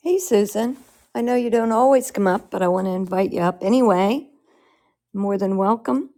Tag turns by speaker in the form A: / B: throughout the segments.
A: Hey, Susan. I know you don't always come up, but I want to invite you up anyway. More than welcome.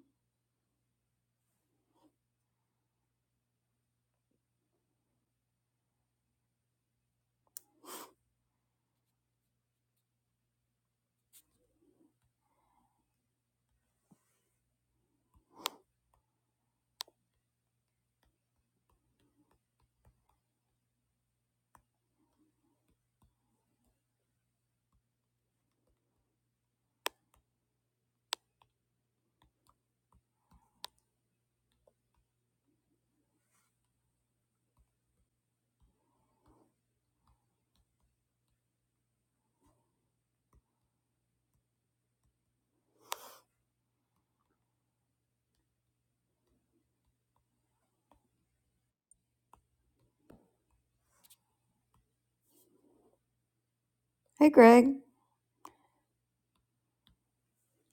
A: Hey, Greg.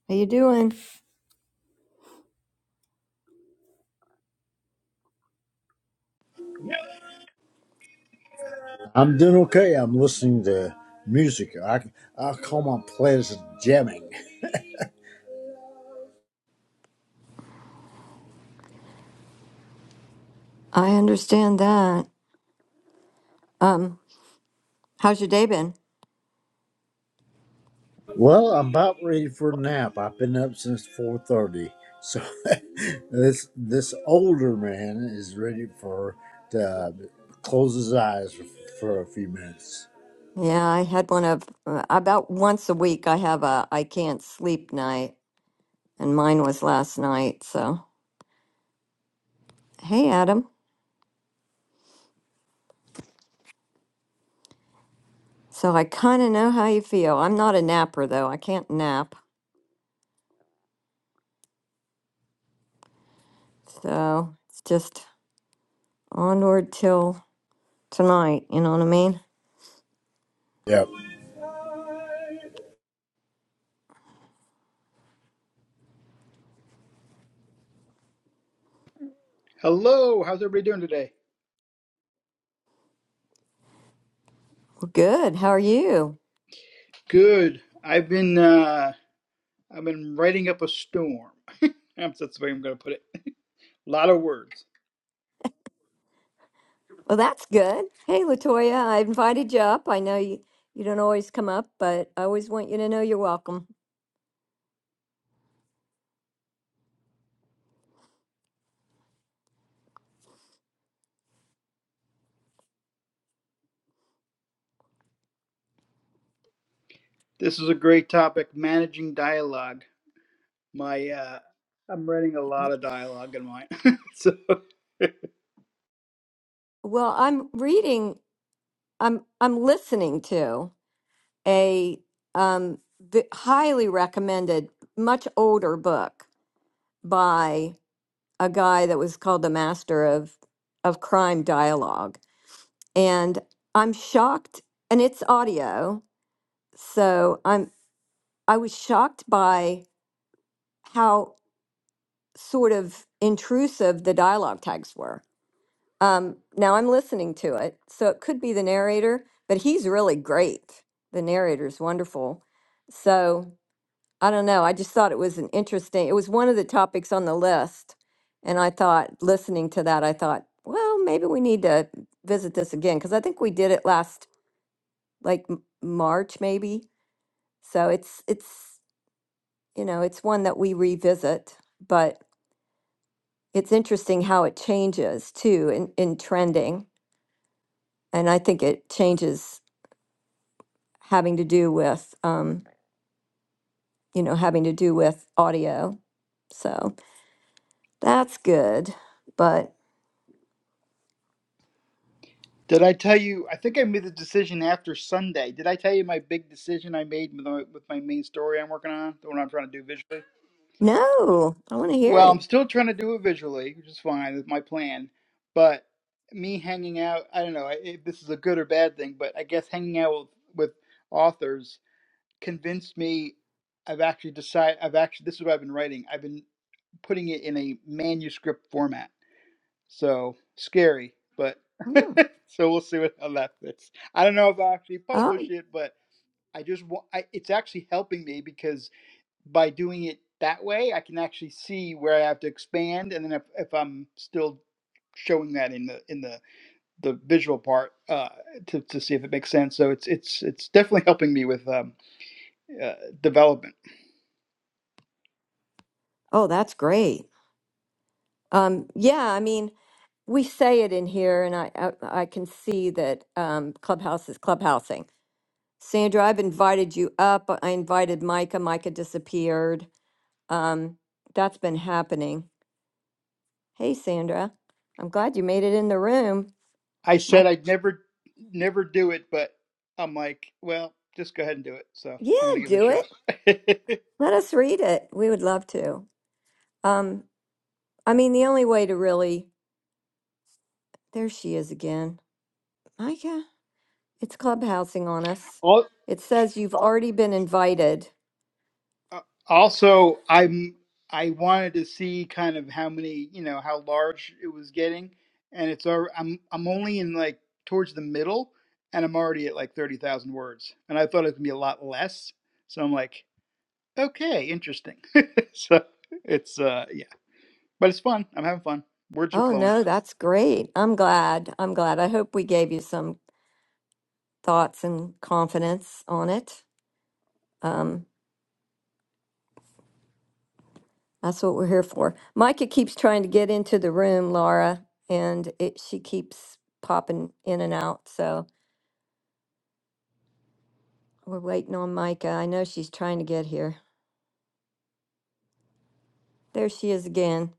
A: How you doing?
B: I'm doing okay. I'm listening to music. I, I call my playlist jamming.
A: I understand that. How's your day been?
B: Well, I'm about ready for a nap. I've been up since 4.30. So this this older man is ready for to close his eyes for, for a few minutes.
A: Yeah, I had one of uh, about once a week. I have a I can't sleep night, and mine was last night. So, hey, Adam. So I kind of know how you feel. I'm not a napper though. I can't nap. So it's just onward till tonight. You know what I mean?
B: Yep,
C: Hello, how's everybody doing today?
A: Well, good. How are you?
C: Good. I've been uh I've been writing up a storm. That's the way I'm gonna put it. A lot of words.
A: Well, that's good. Hey, Latoya, I invited you up. I know you, you don't always come up, but I always want you to know you're welcome.
C: This is a great topic, managing dialogue. My uh I'm writing a lot of dialogue in mine. so
A: Well, I'm reading, I'm I'm listening to a um the highly recommended, much older book by a guy that was called the master of of crime dialogue. And I'm shocked, and it's audio, so I'm I was shocked by how sort of intrusive the dialogue tags were. Um, now I'm listening to it, so it could be the narrator, but he's really great. The narrator's wonderful. So I don't know. I just thought it was an interesting. It was one of the topics on the list, and I thought listening to that, I thought, well, maybe we need to visit this again because I think we did it last like M- March maybe. So it's it's you know it's one that we revisit, but it's interesting how it changes too in, in trending. And I think it changes having to do with, um, you know, having to do with audio. So that's good. But
C: did I tell you I think I made the decision after Sunday. Did I tell you my big decision I made with my with my main story I'm working on? The one I'm trying to do visually?
A: no, I want to hear
C: Well, I'm
A: it.
C: still trying to do it visually, which is fine. That's my plan. But me hanging out, I don't know I- if this is a good or bad thing, but I guess hanging out with, with authors convinced me I've actually decided, I've actually, this is what I've been writing. I've been putting it in a manuscript format. So scary, but
A: Oh,
C: so we'll see what, how that fits. I don't know if I'll actually publish
A: Oh,
C: it, but I just want, I, it's actually helping me because by doing it that way, I can actually see where I have to expand, and then if, if I'm still showing that in the in the the visual part uh, to to see if it makes sense. So it's it's it's definitely helping me with um, uh, development.
A: oh, that's great. Um, yeah, I mean, we say it in here, and I, I, I can see that um, Clubhouse is clubhousing. Sandra, I've invited you up. I invited Micah. Micah disappeared. Um, that's been happening. Hey, Sandra. I'm glad you made it in the room.
C: I
A: My,
C: said I'd never never do it, but I'm like, well, just go ahead and do it. So I'm gonna
A: yeah,
C: give it a
A: do it.
C: shot.
A: Let us read it. We would love to. Um, I mean, the only way to really, there she is again. Micah, it's clubhousing on us.
C: All
A: It says you've already been invited.
C: Uh, also, I'm I wanted to see kind of how many, you know, how large it was getting, and it's alre I'm I'm only in like towards the middle, and I'm already at like thirty thousand words, and I thought it would be a lot less. So I'm like, okay, interesting. so it's uh yeah, but it's fun. I'm having fun. Words are
A: Oh,
C: flowing.
A: no, that's great. I'm glad. I'm glad. I hope we gave you some thoughts and confidence on it. Um, That's what we're here for. Micah keeps trying to get into the room, Laura, and it, she keeps popping in and out. So we're waiting on Micah. I know she's trying to get here. There she is again.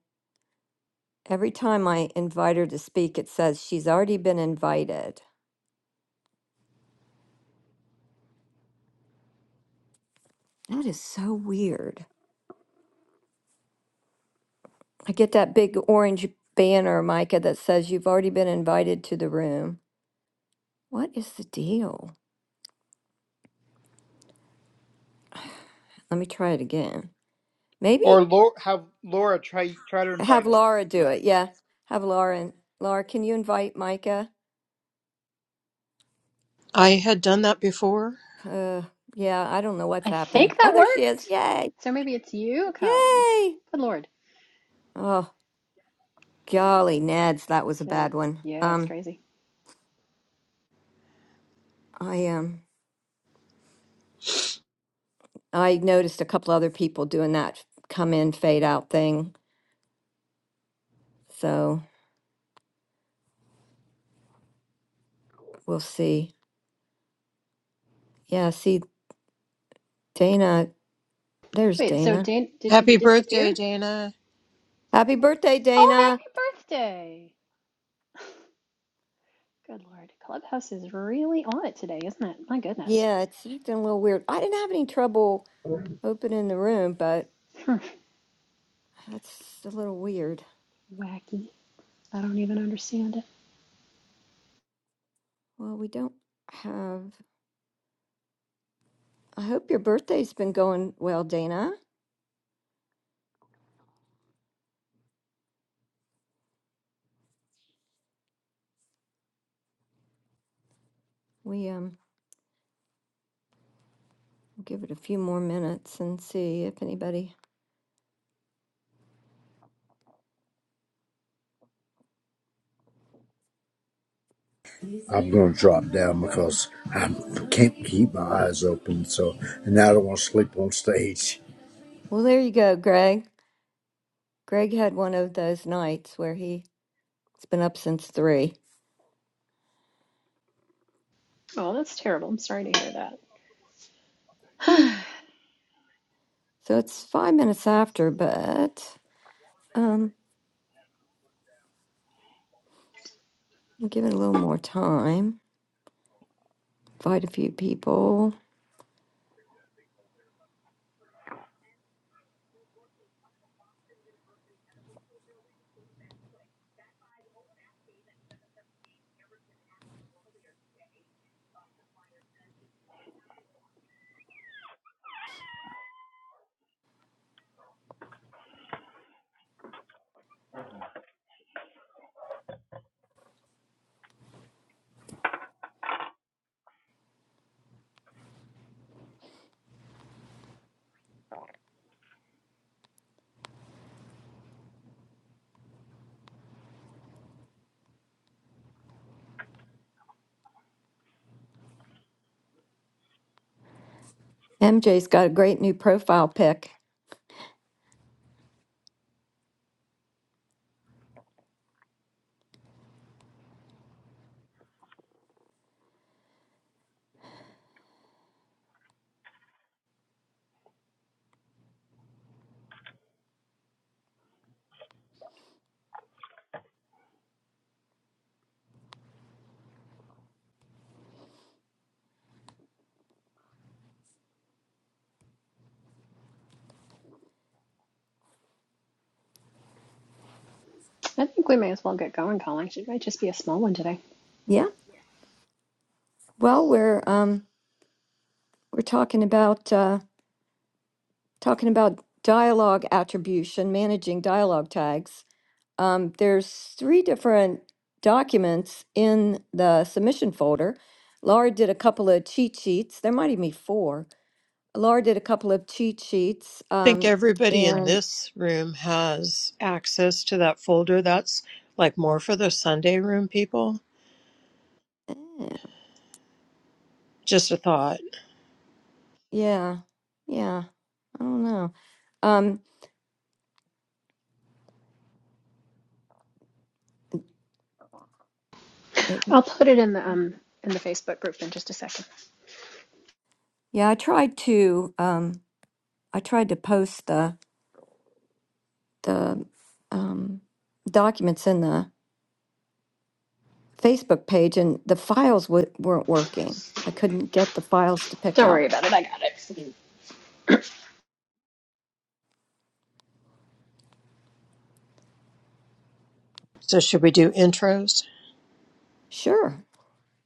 A: Every time I invite her to speak, it says she's already been invited. That is so weird. I get that big orange banner, Micah, that says you've already been invited to the room. What is the deal? Let me try it again. Maybe
C: Or Laura, have Laura try try to
A: Have
C: invite her.
A: Laura do
C: yeah.
A: it. Yeah. Have Laura. And Laura, can you invite Micah?
D: I had done that before.
A: Uh, yeah, I don't know what's
E: I
A: happened.
E: think
A: Oh,
E: that
A: there she is.
E: worked.
A: Yay.
E: So maybe it's you, Collings.
A: Yay.
E: Good Lord.
A: Oh, golly, Nads, that was a bad
E: That's,
A: one.
E: yeah, it's
A: Um,
E: crazy.
A: I um I noticed a couple other people doing that come in, fade out thing. So we'll see. Yeah, see Dana. There's
E: Wait, so
A: Dana.
E: did did you
D: Happy
E: disappear?
D: birthday, Dana. I
A: Happy birthday,
E: Oh,
A: Dana.
E: happy birthday. Good Lord. Clubhouse is really on it today, isn't it? My goodness.
A: Yeah, it's acting a little weird. I didn't have any trouble
F: Um,
A: opening the room, but that's a little weird.
E: Wacky. I don't even understand it.
A: Well, we don't have. I hope your birthday's been going well, Dana. We um give it a few more minutes and see if anybody.
B: I'm going to drop down because I can't keep my eyes open. So, and I don't want to sleep on stage.
A: Well, there you go, Greg. Greg had one of those nights where he's been up since three,
E: Oh, that's terrible. I'm sorry to hear that.
A: so it's five minutes after, but um, we'll give it a little more time. Invite a few people. MJ's got a great new profile pic.
E: I think we may as well get going, Collings. It might just be a small one today.
A: Yeah. Well, we're um we're talking about. uh, talking about dialogue attribution, managing dialogue tags, um, there's three different documents in the submission folder. Laura did a couple of cheat sheets. There might even be four. Laura did a couple of cheat sheets,
D: think
A: um,
D: everybody in
A: and
D: this room has access to that folder. That's like more for the Sunday room people.
A: eh,
D: Just a thought.
A: yeah, yeah, I don't know. Um, it,
E: I'll put it in the um in the Facebook group in just a second.
A: yeah, I tried to um, I tried to post the the um, documents in the Facebook page and the files w- weren't working. I couldn't get the files to pick
E: Don't
A: up.
E: worry about it. I got it.
D: So, should we do intros?
A: Sure.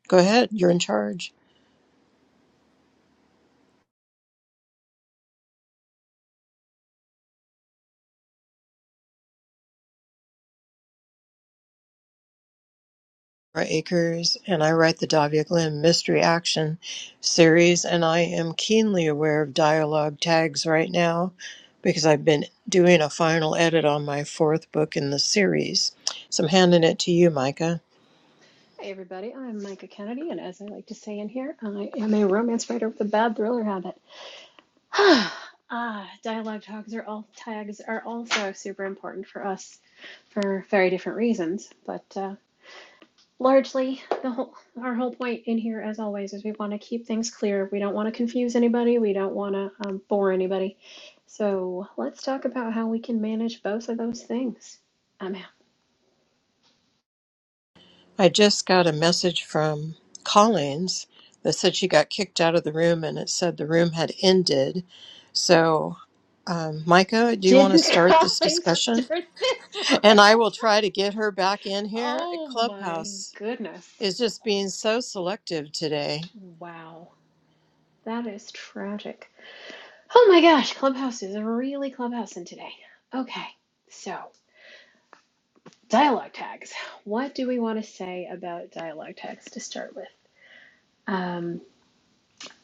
D: Go ahead, you're in charge. Laura Akers and I write the Davia Glenn Mystery Action series, and I am keenly aware of dialogue tags right now because I've been doing a final edit on my fourth book in the series. So, I'm handing it to you, Micah.
E: Hey everybody, I'm Micah Kennedy, and as I like to say in here, I am a romance writer with a bad thriller habit. ah, dialogue tags are all tags are also super important for us, for very different reasons. But uh, largely, the whole our whole point in here, as always, is we want to keep things clear. We don't want to confuse anybody. We don't want to um, bore anybody. So let's talk about how we can manage both of those things. I'm out.
D: I just got a message from Collins that said she got kicked out of the room and it said the room had ended. So, um, Micah, do you want to
E: Didn't
D: start this
E: Colin
D: discussion?
E: start this
D: And I
E: room?
D: will try to get her back in here.
E: Oh my
D: Clubhouse
E: goodness.
D: is just being so selective today.
E: Wow. That is tragic. Oh my gosh, Clubhouse is really clubhousing today. Okay, so dialogue tags. What do we want to say about dialogue tags to start with? Um,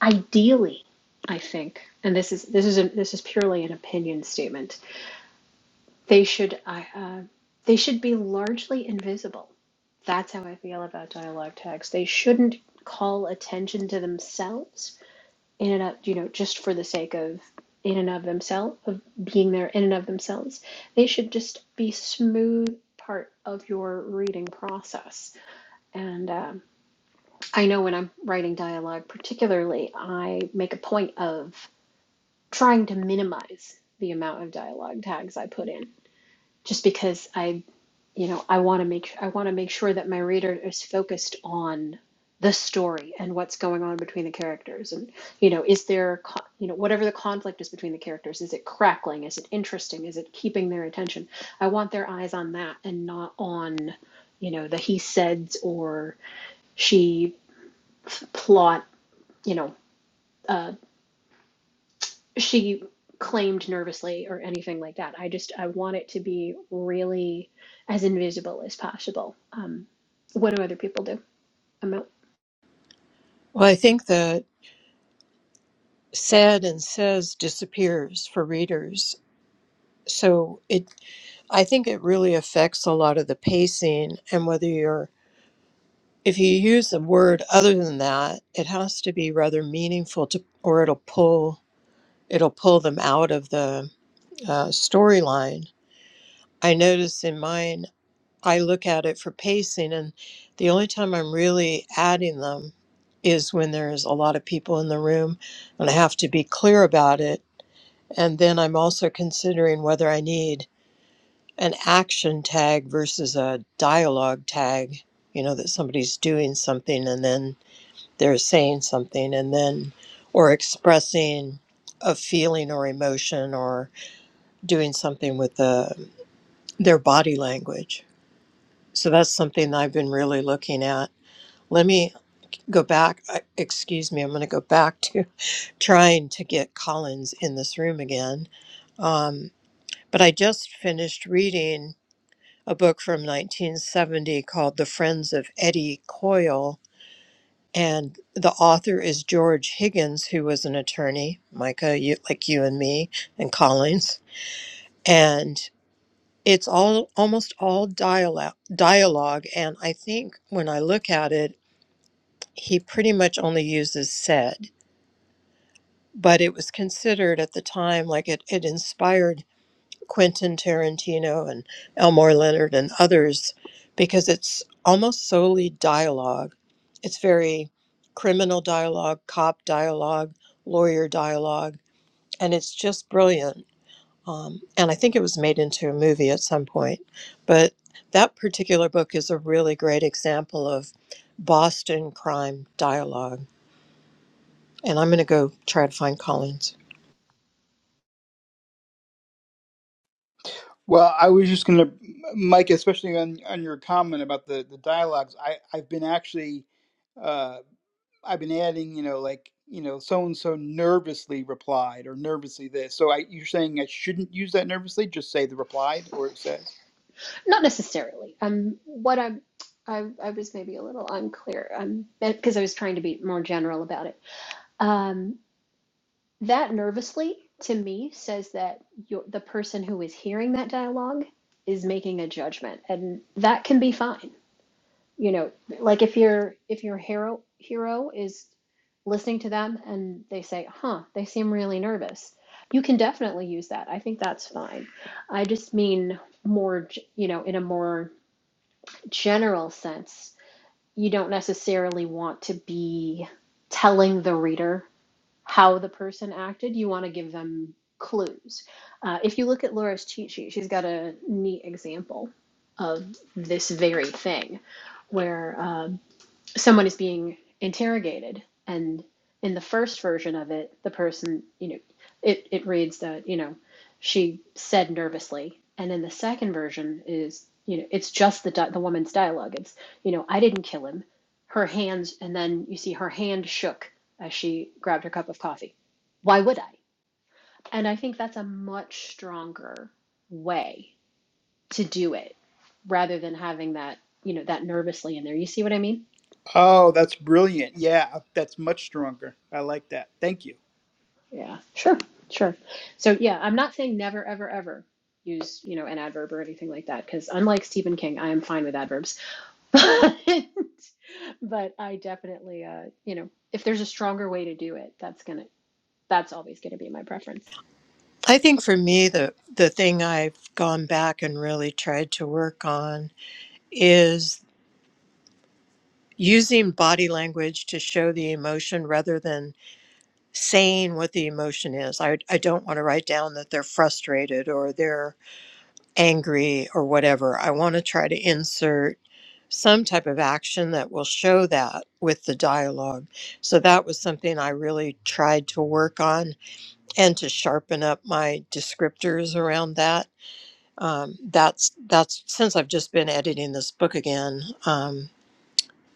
E: ideally, I think, and this is this is a, this is purely an opinion statement. They should I uh, they should be largely invisible. That's how I feel about dialogue tags. They shouldn't call attention to themselves in and of you know just for the sake of in and of themselves of being there in and of themselves they should just be smooth part of your reading process and um, i know when i'm writing dialogue particularly i make a point of trying to minimize the amount of dialogue tags i put in just because i you know i want to make i want to make sure that my reader is focused on the story and what's going on between the characters and you know is there co- you know whatever the conflict is between the characters is it crackling is it interesting is it keeping their attention i want their eyes on that and not on you know the he said or she f- plot you know uh, she claimed nervously or anything like that. I just I want it to be really as invisible as possible. Um, what do other people do? I'm not,
D: Well, I think that said and says disappears for readers. So it, I think it really affects a lot of the pacing and whether you're if you use a word other than that, it has to be rather meaningful to, or it'll pull it'll pull them out of the uh, storyline. I notice in mine, I look at it for pacing, and the only time I'm really adding them is when there's a lot of people in the room, and I have to be clear about it. And then I'm also considering whether I need an action tag versus a dialogue tag. You know that somebody's doing something, and then they're saying something and then or expressing a feeling or emotion or doing something with the, their body language so that's something that i've been really looking at let me go back I- excuse me i'm going to go back to trying to get collins in this room again um, but i just finished reading a book from 1970 called the friends of eddie coyle And the author is George Higgins, who was an attorney, Micah, you, like you and me, and Collins. And it's all almost all dialogue, dialogue. And I think when I look at it, he pretty much only uses said, but it was considered at the time like it, it inspired. Quentin Tarantino and Elmore Leonard and others because it's almost solely dialogue. It's very criminal dialogue, cop dialogue, lawyer dialogue, and it's just brilliant. Um, and I think it was made into a movie at some point. But that particular book is a really great example of Boston crime dialogue. And I'm going to go try to find Collins.
C: Well, I was just going to, Mike, especially on, on your comment about the, the dialogues. I, I've been actually, uh, I've been adding, you know, like, you know, so and so nervously replied or nervously this. So I, you're saying I shouldn't use that nervously? Just say the replied or it says.
E: not necessarily. Um, what I'm I, I was maybe a little unclear um, because I was trying to be more general about it. Um, that nervously to me says that you the person who is hearing that dialogue is making a judgment, and that can be fine you know like if your if your hero hero is listening to them and they say huh they seem really nervous you can definitely use that i think that's fine i just mean more g- you know in a more general sense you don't necessarily want to be telling the reader how the person acted you want to give them clues uh, if you look at laura's cheat sheet she's got a neat example of this very thing where um, someone is being interrogated and in the first version of it the person you know it, it reads that you know she said nervously and in the second version is you know it's just the di- the woman's dialogue it's you know i didn't kill him her hands and then you see her hand shook as she grabbed her cup of coffee why would i and i think that's a much stronger way to do it rather than having that you know that nervously in there you see what i mean
C: Oh, that's brilliant. Yeah, that's much stronger. I like that. Thank you.
E: Yeah, sure, sure. So yeah, I'm not saying never, ever, ever use, you know, an adverb or anything like that, because unlike Stephen King, I am fine with adverbs. But I definitely, uh, you know, if there's a stronger way to do it, that's gonna, that's always gonna be my preference.
D: I think for me, the, the thing I've gone back and really tried to work on is using body language to show the emotion rather than saying what the emotion is. I, I don't want to write down that they're frustrated or they're angry or whatever. I want to try to insert some type of action that will show that with the dialogue. So that was something I really tried to work on and to sharpen up my descriptors around that um, that's that's since I've just been editing this book again. Um,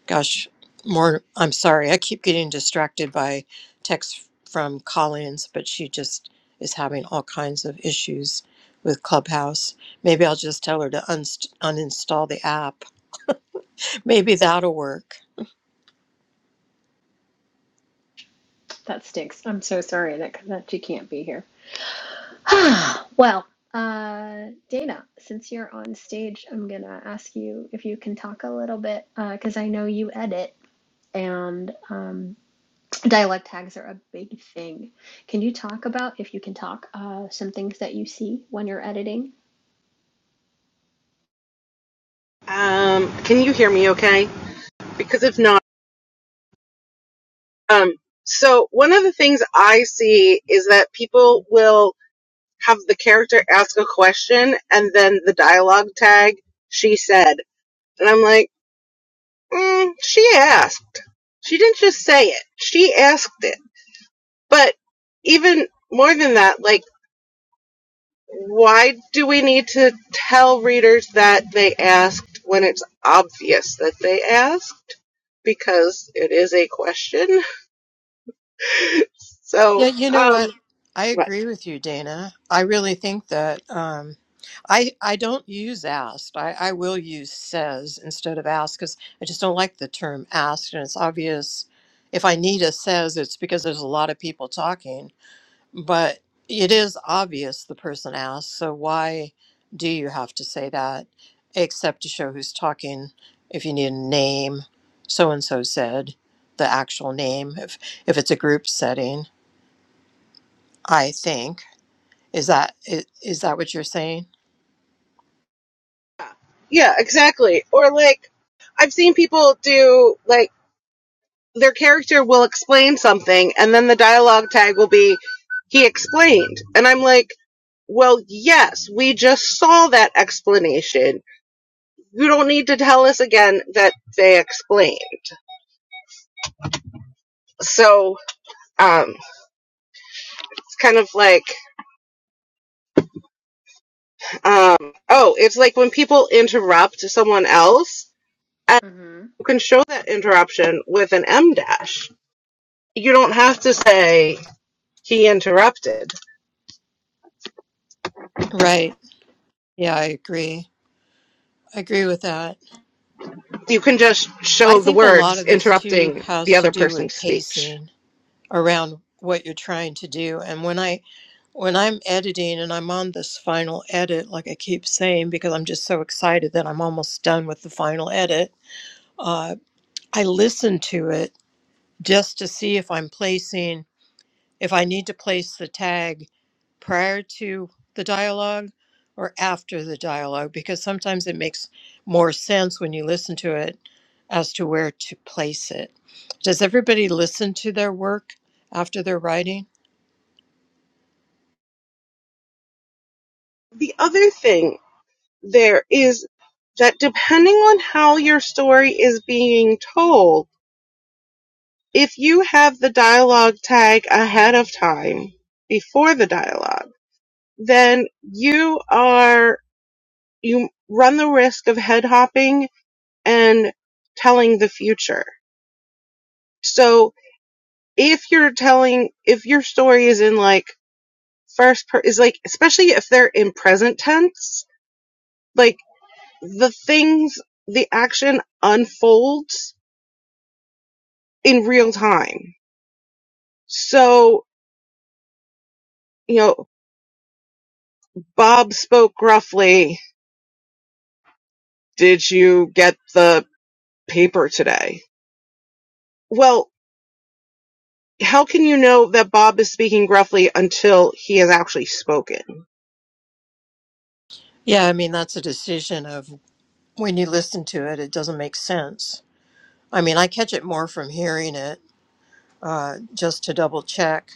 D: gosh, more. I'm sorry, I keep getting distracted by texts from Collins, but she just is having all kinds of issues with Clubhouse. Maybe I'll just tell her to unst- uninstall the app Maybe that'll work.
E: That stinks. I'm so sorry that that you can't be here. Well, uh, Dana, since you're on stage, I'm gonna ask you if you can talk a little bit, uh, because I know you edit, and um. Dialect tags are a big thing. Can you talk about, if you can talk, uh, some things that you see when you're editing?
F: can you hear me okay? Because if not, um, so one of the things I see is that people will have the character ask a question and then the dialogue tag, she said. And I'm like, mm, she asked. She didn't just say it, she asked it. But even more than that, like, why do we need to tell readers that they asked when it's obvious that they asked? Because it is a question.
D: Yeah,
F: So,
D: you know what?
F: um,
D: I
F: right.
D: agree with you, Dana. I really think that um, I I don't use asked. I, I will use says instead of asked because I just don't like the term asked, and it's obvious. If I need a says, it's because there's a lot of people talking. But it is obvious the person asked, so why do you have to say that, except to show who's talking? If you need a name, so and so said the actual name. If if it's a group setting. I think. Is that i- is that what you're saying?
F: Yeah, exactly. Or like, I've seen people do, like, their character will explain something and then the dialogue tag will be, he explained. And I'm like, well, yes, we just saw that explanation. You don't need to tell us again that they explained. So, um, it's kind of like, um, oh, it's like when people interrupt someone else, and
E: hmm
F: you can show that interruption with an M dash you don't have to say he interrupted.
D: Right. Yeah, I agree. I agree with that.
F: You can just
D: I
F: show the
D: think a lot
F: words
D: of this too
F: interrupting the
D: has to
F: other
D: do
F: person's
D: with
F: speech.
D: pacing around what you're trying to do. And when I when I'm editing and I'm on this final edit, like I keep saying, because I'm just so excited that I'm almost done with the final edit, uh, I listen to it just to see if I'm placing if I need to place the tag prior to the dialogue or after the dialogue, because sometimes it makes more sense when you listen to it as to where to place it. Does everybody listen to their work after they're writing?
F: The other thing there is that depending on how your story is being told, if you have the dialogue tag ahead of time before the dialogue, then you are, you run the risk of head hopping and telling the future. So if you're telling if your story is in like first per is like especially if they're in present tense like the things the action unfolds in real time so you know bob spoke gruffly did you get the paper today well how can you know that Bob is speaking gruffly until he has actually spoken?
D: Yeah, I mean, that's a decision of when you listen to it, it doesn't make sense. I mean, I catch it more from hearing it uh, just to double check.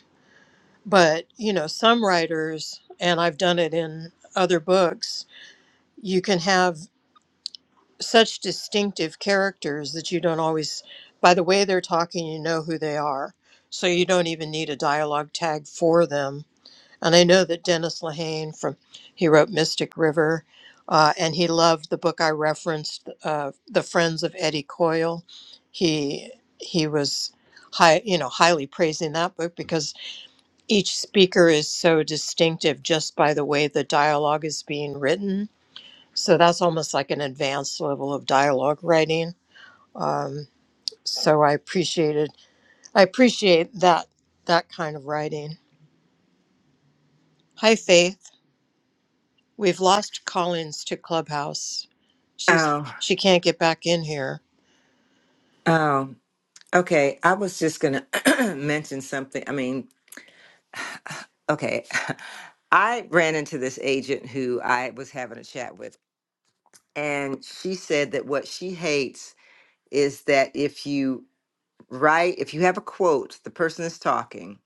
D: But, you know, some writers, and I've done it in other books, you can have such distinctive characters that you don't always, by the way they're talking, you know who they are. So you don't even need a dialogue tag for them. And I know that Dennis Lehane from, he wrote Mystic River, uh, and he loved the book I referenced, uh, The Friends of Eddie Coyle. He he was high, you know, highly praising that book because each speaker is so distinctive just by the way the dialogue is being written so that's almost like an advanced level of dialogue writing. Um, so I appreciated I appreciate that that kind of writing. Hi Faith, we've lost Collins to Clubhouse. She's
G: Oh,
D: she can't get back in here.
G: oh, okay. I was just gonna mention something. I mean, okay, I ran into this agent who I was having a chat with, and she said that what she hates is that if you write, if you have a quote, the person is talking,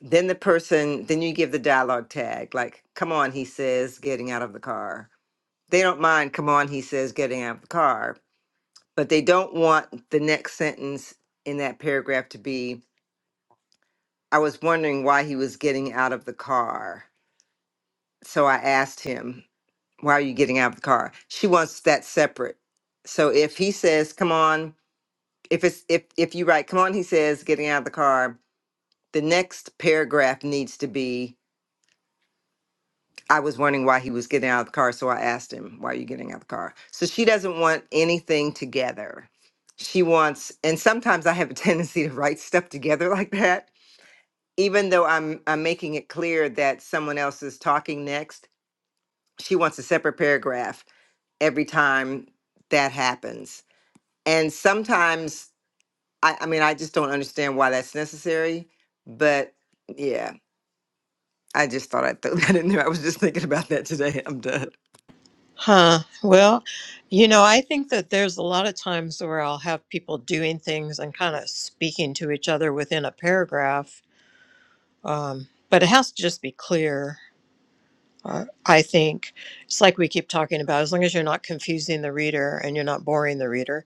G: then the person, then you give the dialogue tag, like, come on, he says, getting out of the car. They don't mind, come on, he says, getting out of the car, but they don't want the next sentence in that paragraph to be. I was wondering why he was getting out of the car. So I asked him, Why are you getting out of the car? She wants that separate. So if he says, Come on, if it's if if you write, come on, he says, getting out of the car, the next paragraph needs to be, I was wondering why he was getting out of the car. So I asked him, Why are you getting out of the car? So she doesn't want anything together. She wants, and sometimes I have a tendency to write stuff together like that even though I'm I'm making it clear that someone else is talking next, she wants a separate paragraph every time that happens. And sometimes, I, I mean, I just don't understand why that's necessary. But yeah, I just thought I'd throw that in there. I was just thinking about that today. I'm done.
D: Huh. Well, you know, I think that there's a lot of times where I'll have people doing things and kind of speaking to each other within a paragraph. Um, but it has to just be clear Uh, I think it's like we keep talking about, as long as you're not confusing the reader and you're not boring the reader.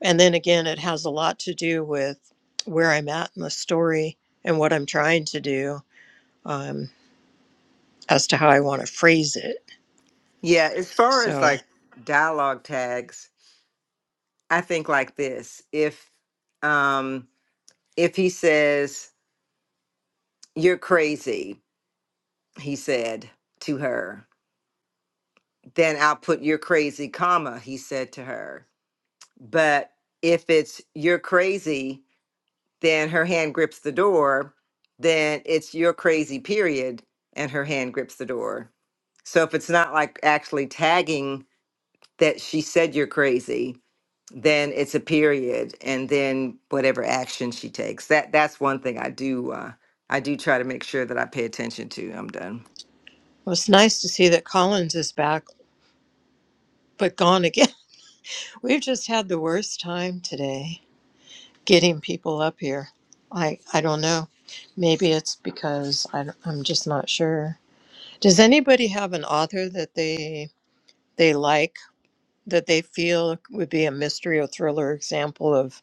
D: And then again, it has a lot to do with where I'm at in the story and what I'm trying to do um, as to how I want to phrase it.
G: Yeah, as far
D: So
G: as like
D: well,
G: dialogue tags, I think like this: if um, if he says you're crazy, he said to her, then I'll put you're crazy, comma he said to her But if it's you're crazy, then her hand grips the door, then it's you're crazy, period, and her hand grips the door. So if it's not like actually tagging that she said you're crazy, then it's a period and then whatever action she takes. That that's one thing I do uh I do try to make sure that I pay attention to. I'm done.
D: it's nice to see that Collins is back, but gone again. We've just had the worst time today getting people up here. I, I don't know. Maybe it's because I, I'm just not sure. Does anybody have an author that they they like that they feel would be a mystery or thriller example of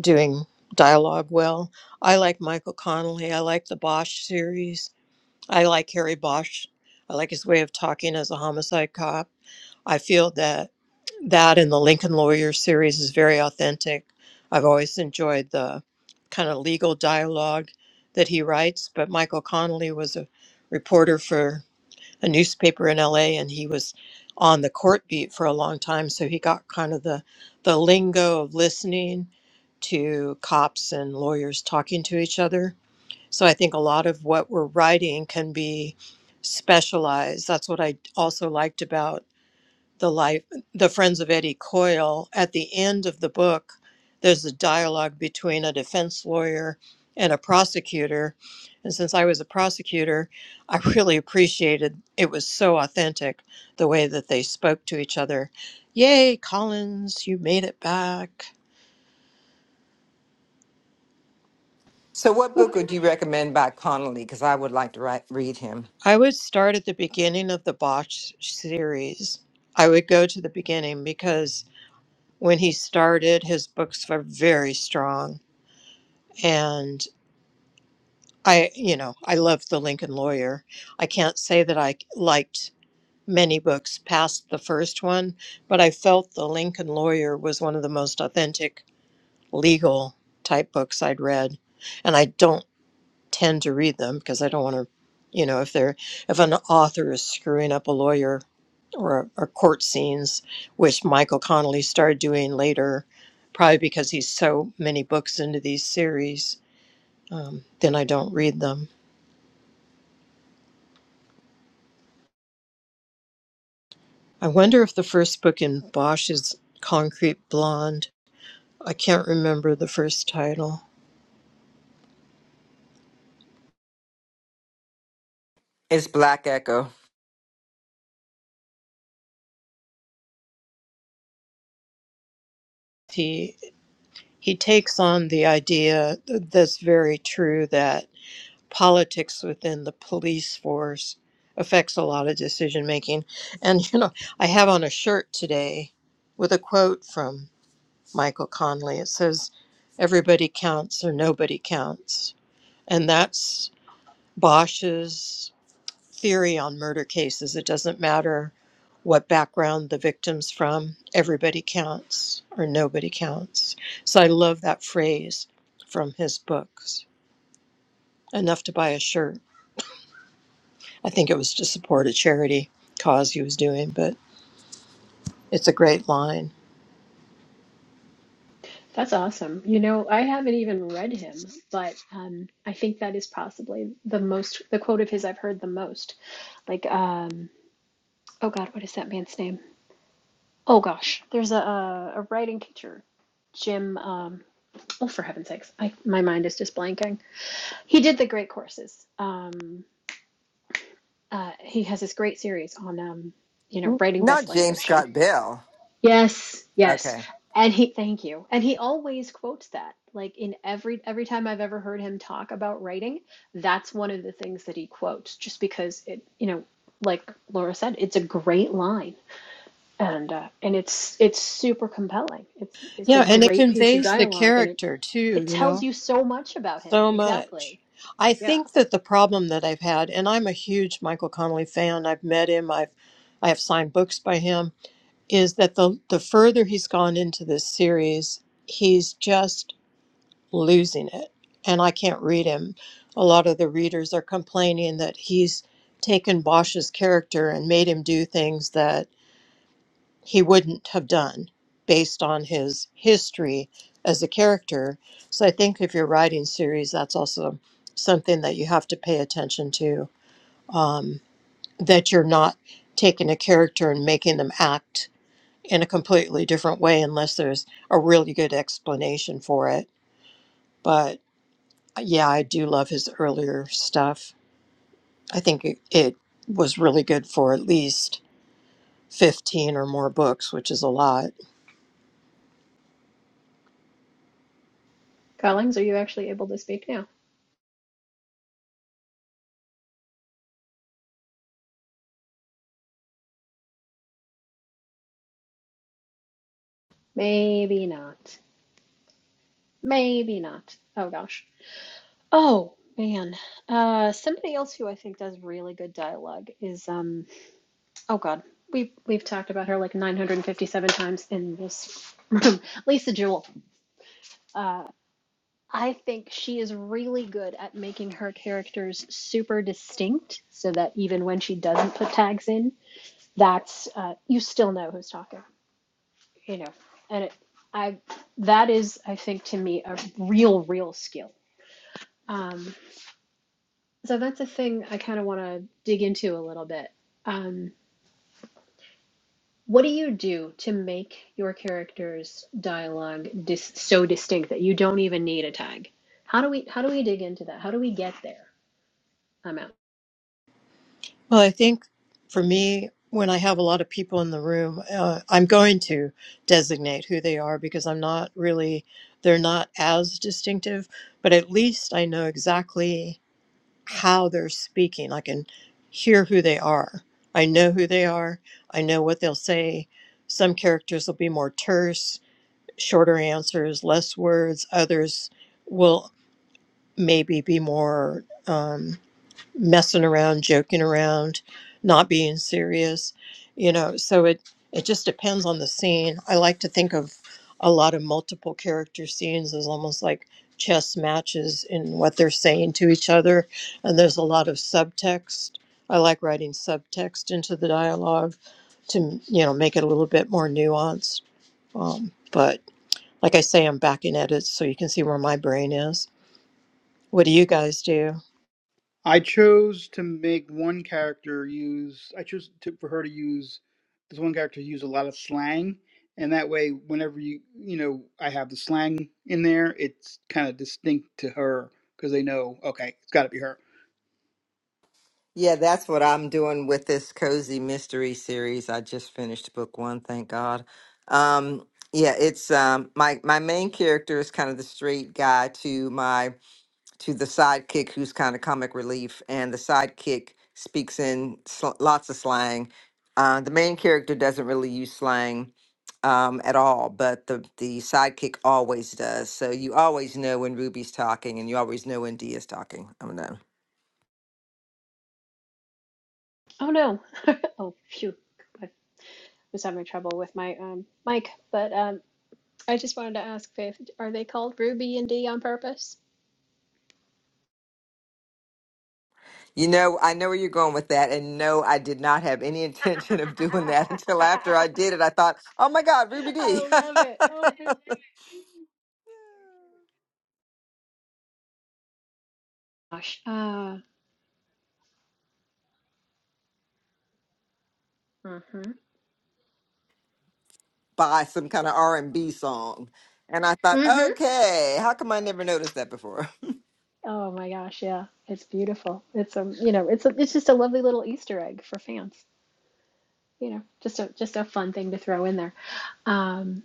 D: doing dialogue well. I like Michael Connelly. I like the Bosch series. I like Harry Bosch. I like his way of talking as a homicide cop. I feel that that in the Lincoln Lawyer series is very authentic. I've always enjoyed the kind of legal dialogue that he writes, but Michael Connelly was a reporter for a newspaper in LA and he was on the court beat for a long time so he got kind of the the lingo of listening to cops and lawyers talking to each other. So I think a lot of what we're writing can be specialized. That's what I also liked about the life the friends of eddie coyle at the end of the book there's a dialogue between a defense lawyer and a prosecutor and since i was a prosecutor i really appreciated it was so authentic the way that they spoke to each other yay collins you made it back
G: So what book would
E: Woo,
G: you recommend by Connolly cuz I would like to write, read him?
D: i would start at the beginning of the botch series i would go to the beginning because when he started his books were very strong and. I, you know, I loved The Lincoln Lawyer. I can't say that I liked many books past the first one, but I felt The Lincoln Lawyer was one of the most authentic legal type books I'd read. And I don't tend to read them because I don't want to, you know, if they're, if an author is screwing up a lawyer or, or court scenes, which Michael Connolly started doing later, probably because he's so many books into these series, um, then I don't read them I wonder if the first book in Bosch is Concrete Blonde. I can't remember the first title.
G: It's Black Echo.
D: He he takes on the idea that's very true that politics within the police force affects a lot of decision making. And you know, I have on a shirt today with a quote from Michael Conley. It says, "Everybody counts or nobody counts," and that's Bosch's. theory on murder cases. It doesn't matter what background the victim's from, everybody counts or nobody counts. So I love that phrase from his books enough to buy a shirt. I think it was to support a charity cause he was doing, but it's a great line.
E: That's awesome. You know, I haven't even read him, but um, I think that is possibly the most, the quote of his I've heard the most. Like, um, oh God, what is that man's name? Oh gosh, there's a a, a writing teacher, Jim. Um, oh, for heaven's sakes, I, my mind is just blanking. He did the great courses. Um, Uh, he has this great series on, um, you know,
G: N-
E: writing
G: Not
E: best-selling
G: James
E: fiction.
G: Scott Bell.
E: Yes, yes.
G: Okay.
E: And he, thank you. And he always quotes that. Like in every every time I've ever heard him talk about writing, that's one of the things that he quotes, just because it, you know, like Laura said, it's a great line, and uh, and it's it's super compelling. It's it's a
D: Yeah, and it
E: great piece of
D: conveys the
E: dialogue, and it
D: character too,
E: it
D: you
E: tells
D: know,
E: you so much about him.
D: so much.
E: Exactly.
D: I
E: Yeah.
D: think that the problem that I've had, and I'm a huge Michael Connolly fan, I've met him, I've I have signed books by him is that the the further he's gone into this series, he's just losing it. And I can't read him. A lot of the readers are complaining that he's taken Bosch's character and made him do things that he wouldn't have done based on his history as a character. So I think if you're writing series, that's also something that you have to pay attention to. Um, that you're not taking a character and making them act in a completely different way unless there's a really good explanation for it. But uh, yeah, I do love his earlier stuff. I think it, it was really good for at least 15 or more books, which is a lot.
E: Collings, are you actually able to speak now? Maybe not. Maybe not. Oh gosh. Oh man. Uh, somebody else who I think does really good dialogue is um. Oh God. We've we've talked about her like 957 times in this room. Lisa Jewell. Uh, I think she is really good at making her characters super distinct, so that even when she doesn't put tags in, that's uh, you still know who's talking. You know, and it, I that is I think to me a real real skill. Um. So that's a thing I kind of want to dig into a little bit. Um, what do you do to make your character's dialogue dis so distinct that you don't even need a tag? How do we how do we dig into that? How do we get there? I'm out.
D: Well, I think for me, when I have a lot of people in the room, uh, I'm going to designate who they are because I'm not really, they're not as distinctive, but at least I know exactly how they're speaking. I can hear who they are. I know who they are. I know what they'll say. Some characters will be more terse, shorter answers, less words. Others will maybe be more. um, messing around, joking around, not being serious, you know. So it it just depends on the scene. I like to think of a lot of multiple character scenes as almost like chess matches in what they're saying to each other, and there's a lot of subtext. I like writing subtext into the dialogue to you know make it a little bit more nuanced. Um, but like I say, I'm back in edits, so you can see where my brain is. What do you guys do?
C: I chose to make one character use. I chose to, for her to use this one character use a lot of slang, and that way, whenever you you know I have the slang in there, it's kind of distinct to her because they know okay, it's got to be her.
G: Yeah, that's what I'm doing with this cozy mystery series. I just finished book one, thank God. Um, yeah, it's um, my my main character is kind of the straight guy to my to the sidekick who's kind of comic relief, and the sidekick speaks in sl- lots of slang. Uh, the main character doesn't really use slang um, at all, but the the sidekick always does. So you always know when Ruby's talking, and you always know when Dia's talking. I'm done.
E: Oh no. Oh phew. I was having trouble with my um mic, but um I just wanted to ask Faith, are they called Ruby and D on purpose?
G: You know, I know where you're going with that. And no, I did not have any intention of doing that until after I did it. I thought, oh my God, Ruby
E: I
G: D.
E: love it. Oh my gosh. Uh, mm-hmm.
G: by some kind of R&B song. And I thought,
E: Mm-hmm.
G: okay, how come I never noticed that before?
E: Oh my gosh, yeah. It's beautiful. It's um, you know, it's a, it's just a lovely little Easter egg for fans. You know, just a just a fun thing to throw in there. Um,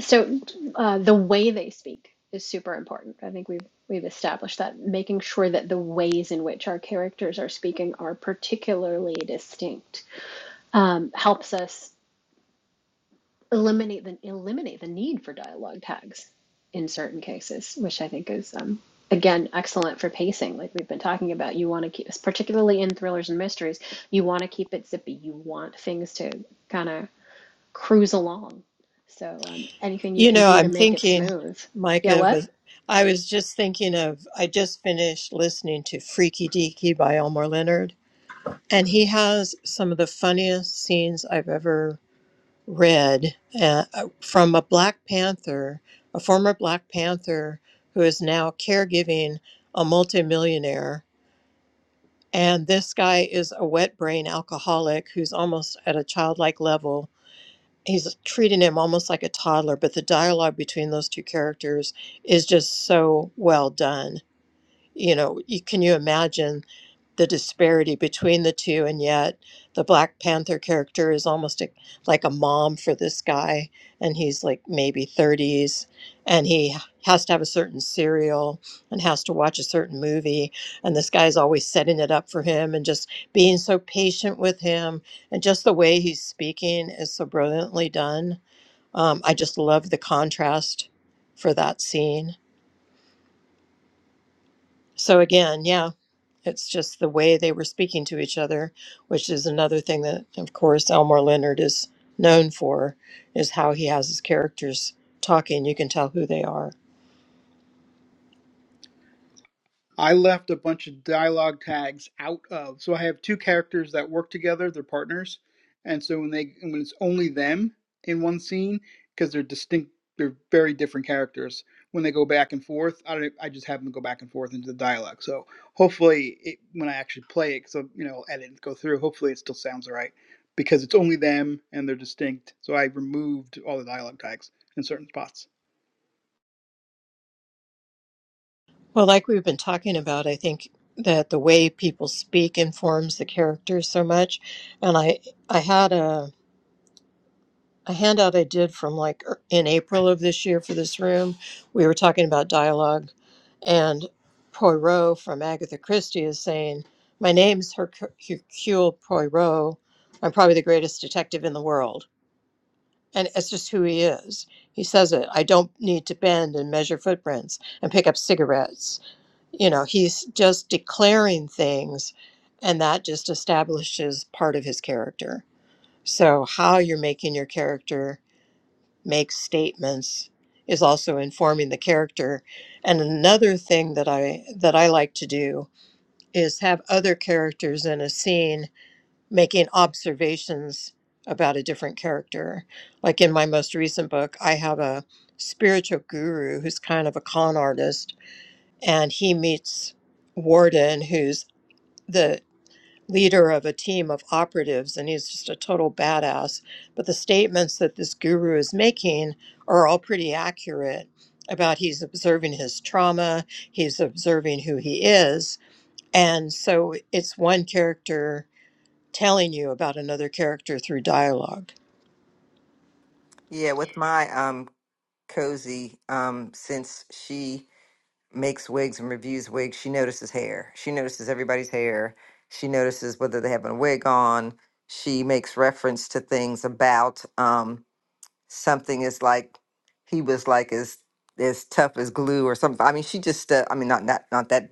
E: so uh, the way they speak is super important. I think we've we've established that making sure that the ways in which our characters are speaking are particularly distinct um, helps us. eliminate the eliminate the need for dialogue tags in certain cases, which I think is um, again excellent for pacing. Like we've been talking about, you want to keep, particularly in thrillers and mysteries, you want to keep it zippy. You want things to kind of cruise along. So um, anything you
D: You
E: can
D: know,
E: do
D: I'm
E: to make it
D: thinking,
E: smooth. Yeah,
D: Micah, of
E: what?
D: a, I was just thinking of, I just finished listening to Freaky Deaky by Elmore Leonard, and he has some of the funniest scenes I've ever read uh, uh, from a Black Panther, a former Black Panther who is now caregiving a multimillionaire. And this guy is a wet brain alcoholic who's almost at a childlike level he's treating him almost like a toddler but the dialogue between those two characters is just so well done you know, you, can you imagine the disparity between the two? And yet, the Black Panther character is almost a, like a mom for this guy, and he's like maybe 30s, and he has to have a certain cereal and has to watch a certain movie. And this guy's always setting it up for him and just being so patient with him. And just the way he's speaking is so brilliantly done. Um, I just love the contrast for that scene. So, again, yeah, It's just the way they were speaking to each other, which is another thing that, of course, Elmore Leonard is known for, is how he has his characters talking. You can tell who they are.
C: I left a bunch of dialogue tags out of. So I have two characters that work together, they're partners. And so when they when it's only them in one scene because they're distinct, they're very different characters. When they go back and forth, I don't, I just have them go back and forth into the dialogue. So hopefully it, when I actually play it, so you know, edit and go through, hopefully it still sounds all right because it's only them and they're distinct. So I removed all the dialogue tags in certain spots.
D: Well, like we've been talking about, I think that the way people speak informs the characters so much. And I, I had a a handout I did from like er- in April of this year for this room. We were talking about dialogue, and Poirot from Agatha Christie is saying, "My name's Herc- Hercule Poirot. I'm probably the greatest detective in the world." And it's just who he is. He says it. I don't need to bend and measure footprints and pick up cigarettes. You know, he's just declaring things, and that just establishes part of his character. So, how you're making your character makes statements is also informing the character. And another thing that I that I like to do is have other characters in a scene making observations about a different character. Like in my most recent book, I have a spiritual guru who's kind of a con artist and he meets Warden who's the leader of a team of operatives and he's just a total badass. But the statements that this guru is making are all pretty accurate about he's observing his trauma, he's observing who he is. And so it's one character telling you about another character through dialogue.
G: Yeah, with my um cozy, um, since she makes wigs and reviews wigs, she notices hair. She notices everybody's hair. She notices whether they have a wig on. She makes reference to things about um something is like he was like as as tough as glue or something. I mean, she just uh, I mean not not not that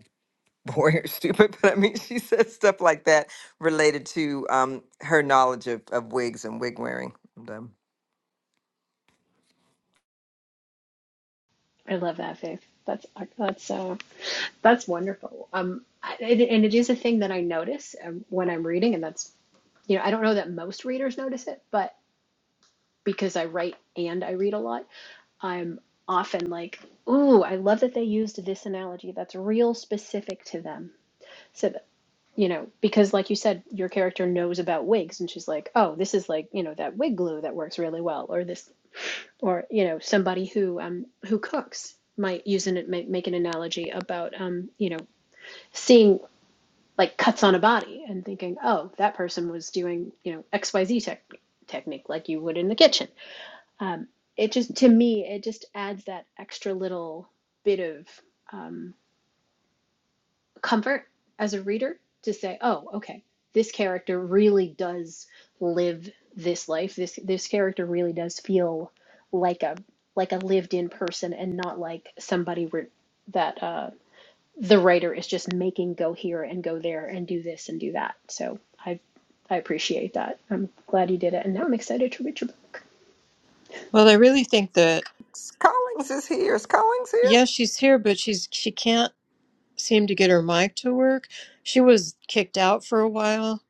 G: boring or stupid, but I mean she said stuff like that related to um her knowledge of, of wigs and wig wearing. And, um,
E: I love that, Faith. That's that's uh, that's wonderful. Um, I, and and it is a thing that I notice um, when I'm reading, and that's you know I don't know that most readers notice it, but because I write and I read a lot, I'm often like, ooh, I love that they used this analogy that's real specific to them. So that, you know, because like you said, your character knows about wigs and she's like, oh, this is like, you know, that wig glue that works really well, or this, or, you know, somebody who, um, who cooks might use an, make, make an analogy about, um, you know, seeing like cuts on a body and thinking, oh, that person was doing, you know, XYZ tech technique like you would in the kitchen um, it just, to me, it just adds that extra little bit of um, comfort as a reader to say, oh, okay, this character really does live this life. This this character really does feel like a like a lived-in person and not like somebody where that uh, the writer is just making go here and go there and do this and do that. So I I appreciate that. I'm glad you did it, and now I'm excited to read your book.
D: Well, I really think that
G: is Collins is here. Is Collins here?
D: yes, she's here, but she's she can't seemed to get her mic to work. She was kicked out for a while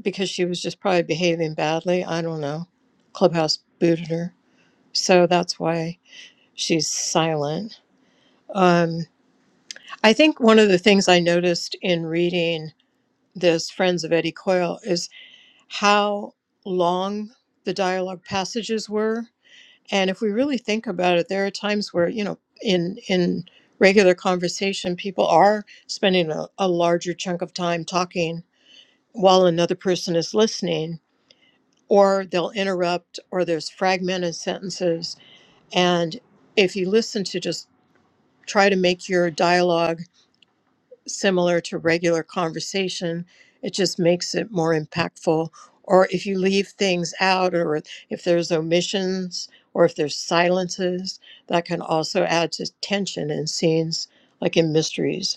D: because she was just probably behaving badly. I don't know. Clubhouse booted her. So that's why she's silent. Um, I think one of the things I noticed in reading this Friends of Eddie Coyle is how long the dialogue passages were. And if we really think about it, there are times where, you know, in, in regular conversation, people are spending a, a larger chunk of time talking while another person is listening, or they'll interrupt, or there's fragmented sentences. And if you listen to just try to make your dialogue similar to regular conversation, it just makes it more impactful. Or if you leave things out, or if there's omissions, or if there's silences, that can also add to tension in scenes like in mysteries.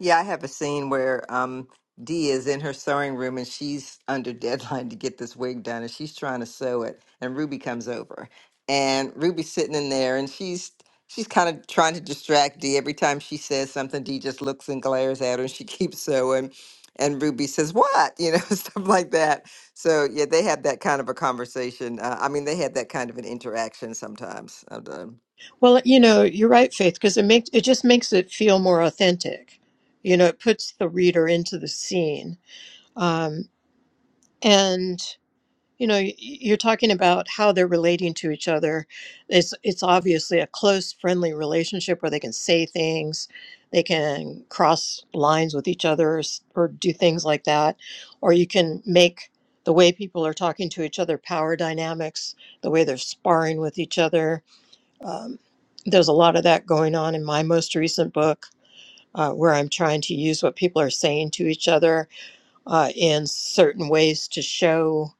G: Yeah, I have a scene where um Dee is in her sewing room and she's under deadline to get this wig done and she's trying to sew it and Ruby comes over. And Ruby's sitting in there and she's she's kind of trying to distract Dee. Every time she says something, Dee just looks and glares at her and she keeps sewing. And Ruby says, What? You know, stuff like that. So yeah, they have that kind of a conversation. Uh, I mean, they had that kind of an interaction sometimes.
D: Well, you know, you're right, Faith, because it makes it just makes it feel more authentic. You know, it puts the reader into the scene, um, and you know, y- you're talking about how they're relating to each other. It's it's obviously a close, friendly relationship where they can say things, they can cross lines with each other, or, s- or do things like that, or you can make the way people are talking to each other, power dynamics, the way they're sparring with each other um, there's a lot of that going on in my most recent book, uh, where I'm trying to use what people are saying to each other uh, in certain ways to show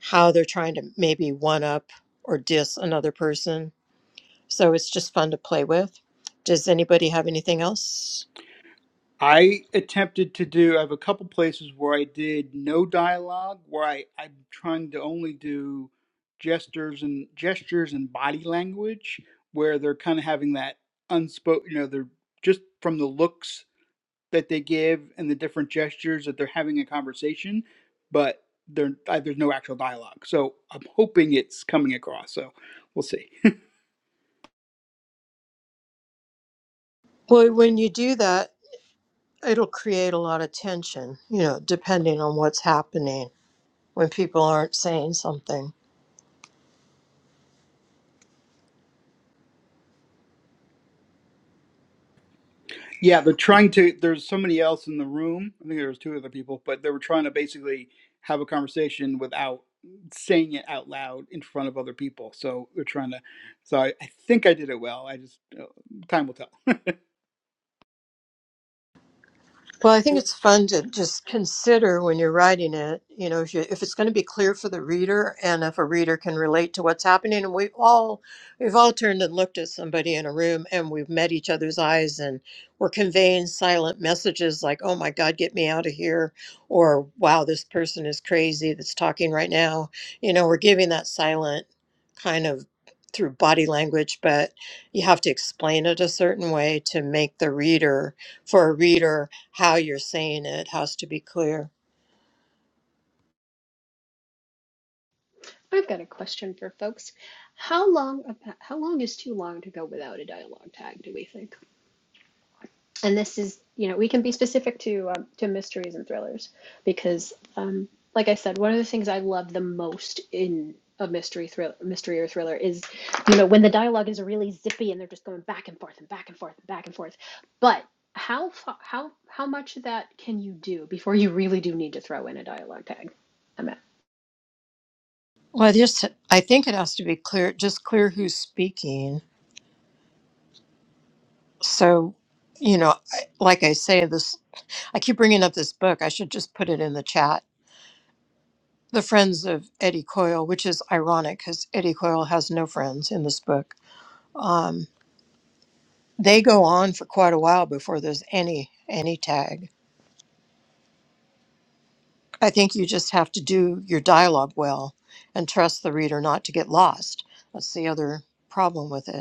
D: how they're trying to maybe one up or diss another person. So it's just fun to play with. Does anybody have anything else?
C: I attempted to do, I have a couple places where I did no dialogue, where I, I'm trying to only do gestures and gestures and body language, where they're kind of having that unspoken, you know, they're just from the looks that they give and the different gestures that they're having a conversation, but there, I, there's no actual dialogue. So I'm hoping it's coming across. So we'll see.
D: Well, when you do that, it'll create a lot of tension, you know, depending on what's happening when people aren't saying something.
C: Yeah, they're trying to. There's somebody else in the room. I think there was two other people, but they were trying to basically have a conversation without saying it out loud in front of other people. So they're trying to. So I, I think I did it well. I just uh, time will tell.
D: Well, I think it's fun to just consider when you're writing it, you know, if, you, if it's going to be clear for the reader and if a reader can relate to what's happening. And we all, we've all turned and looked at somebody in a room and we've met each other's eyes and we're conveying silent messages like, oh my God, get me out of here. Or, wow, this person is crazy that's talking right now. You know, we're giving that silent kind of through body language, but you have to explain it a certain way to make the reader, for a reader, how you're saying it has to be clear.
E: I've got a question for folks. How long how long is too long to go without a dialogue tag, do we think? And this is, you know, we can be specific to um, to mysteries and thrillers because um, like I said, one of the things I love the most in a mystery thriller mystery or thriller is, you know, when the dialogue is really zippy and they're just going back and forth and back and forth and back and forth. But how how how much of that can you do before you really do need to throw in a dialogue tag? I'm out.
D: Well, I just I think it has to be clear, just clear who's speaking. So, you know, I, like I say, this I keep bringing up this book. I should just put it in the chat. The Friends of Eddie Coyle, which is ironic because Eddie Coyle has no friends in this book. Um, they go on for quite a while before there's any any tag. I think you just have to do your dialogue well and trust the reader not to get lost. That's the other problem with it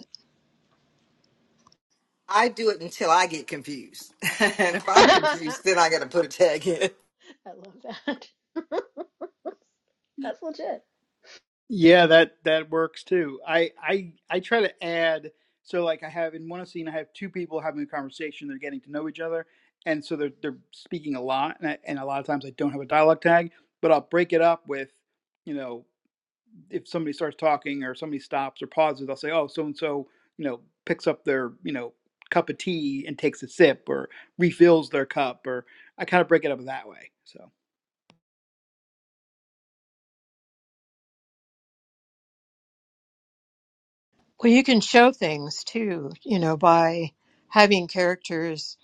G: I do it until I get confused. and if I'm confused, then I got to put a tag in.
E: I love that. That's legit.
C: yeah, that that works too. I I I try to add. So like I have in one scene, I have two people having a conversation. They're getting to know each other, and so they're they're speaking a lot. And I, and a lot of times I don't have a dialogue tag, but I'll break it up with, you know. if somebody starts talking or somebody stops or pauses, I'll say, "Oh, so and so, you know, picks up their, you know, cup of tea and takes a sip or refills their cup or I kind of break it up that way." So,
D: Well, you can show things too, you know, by having characters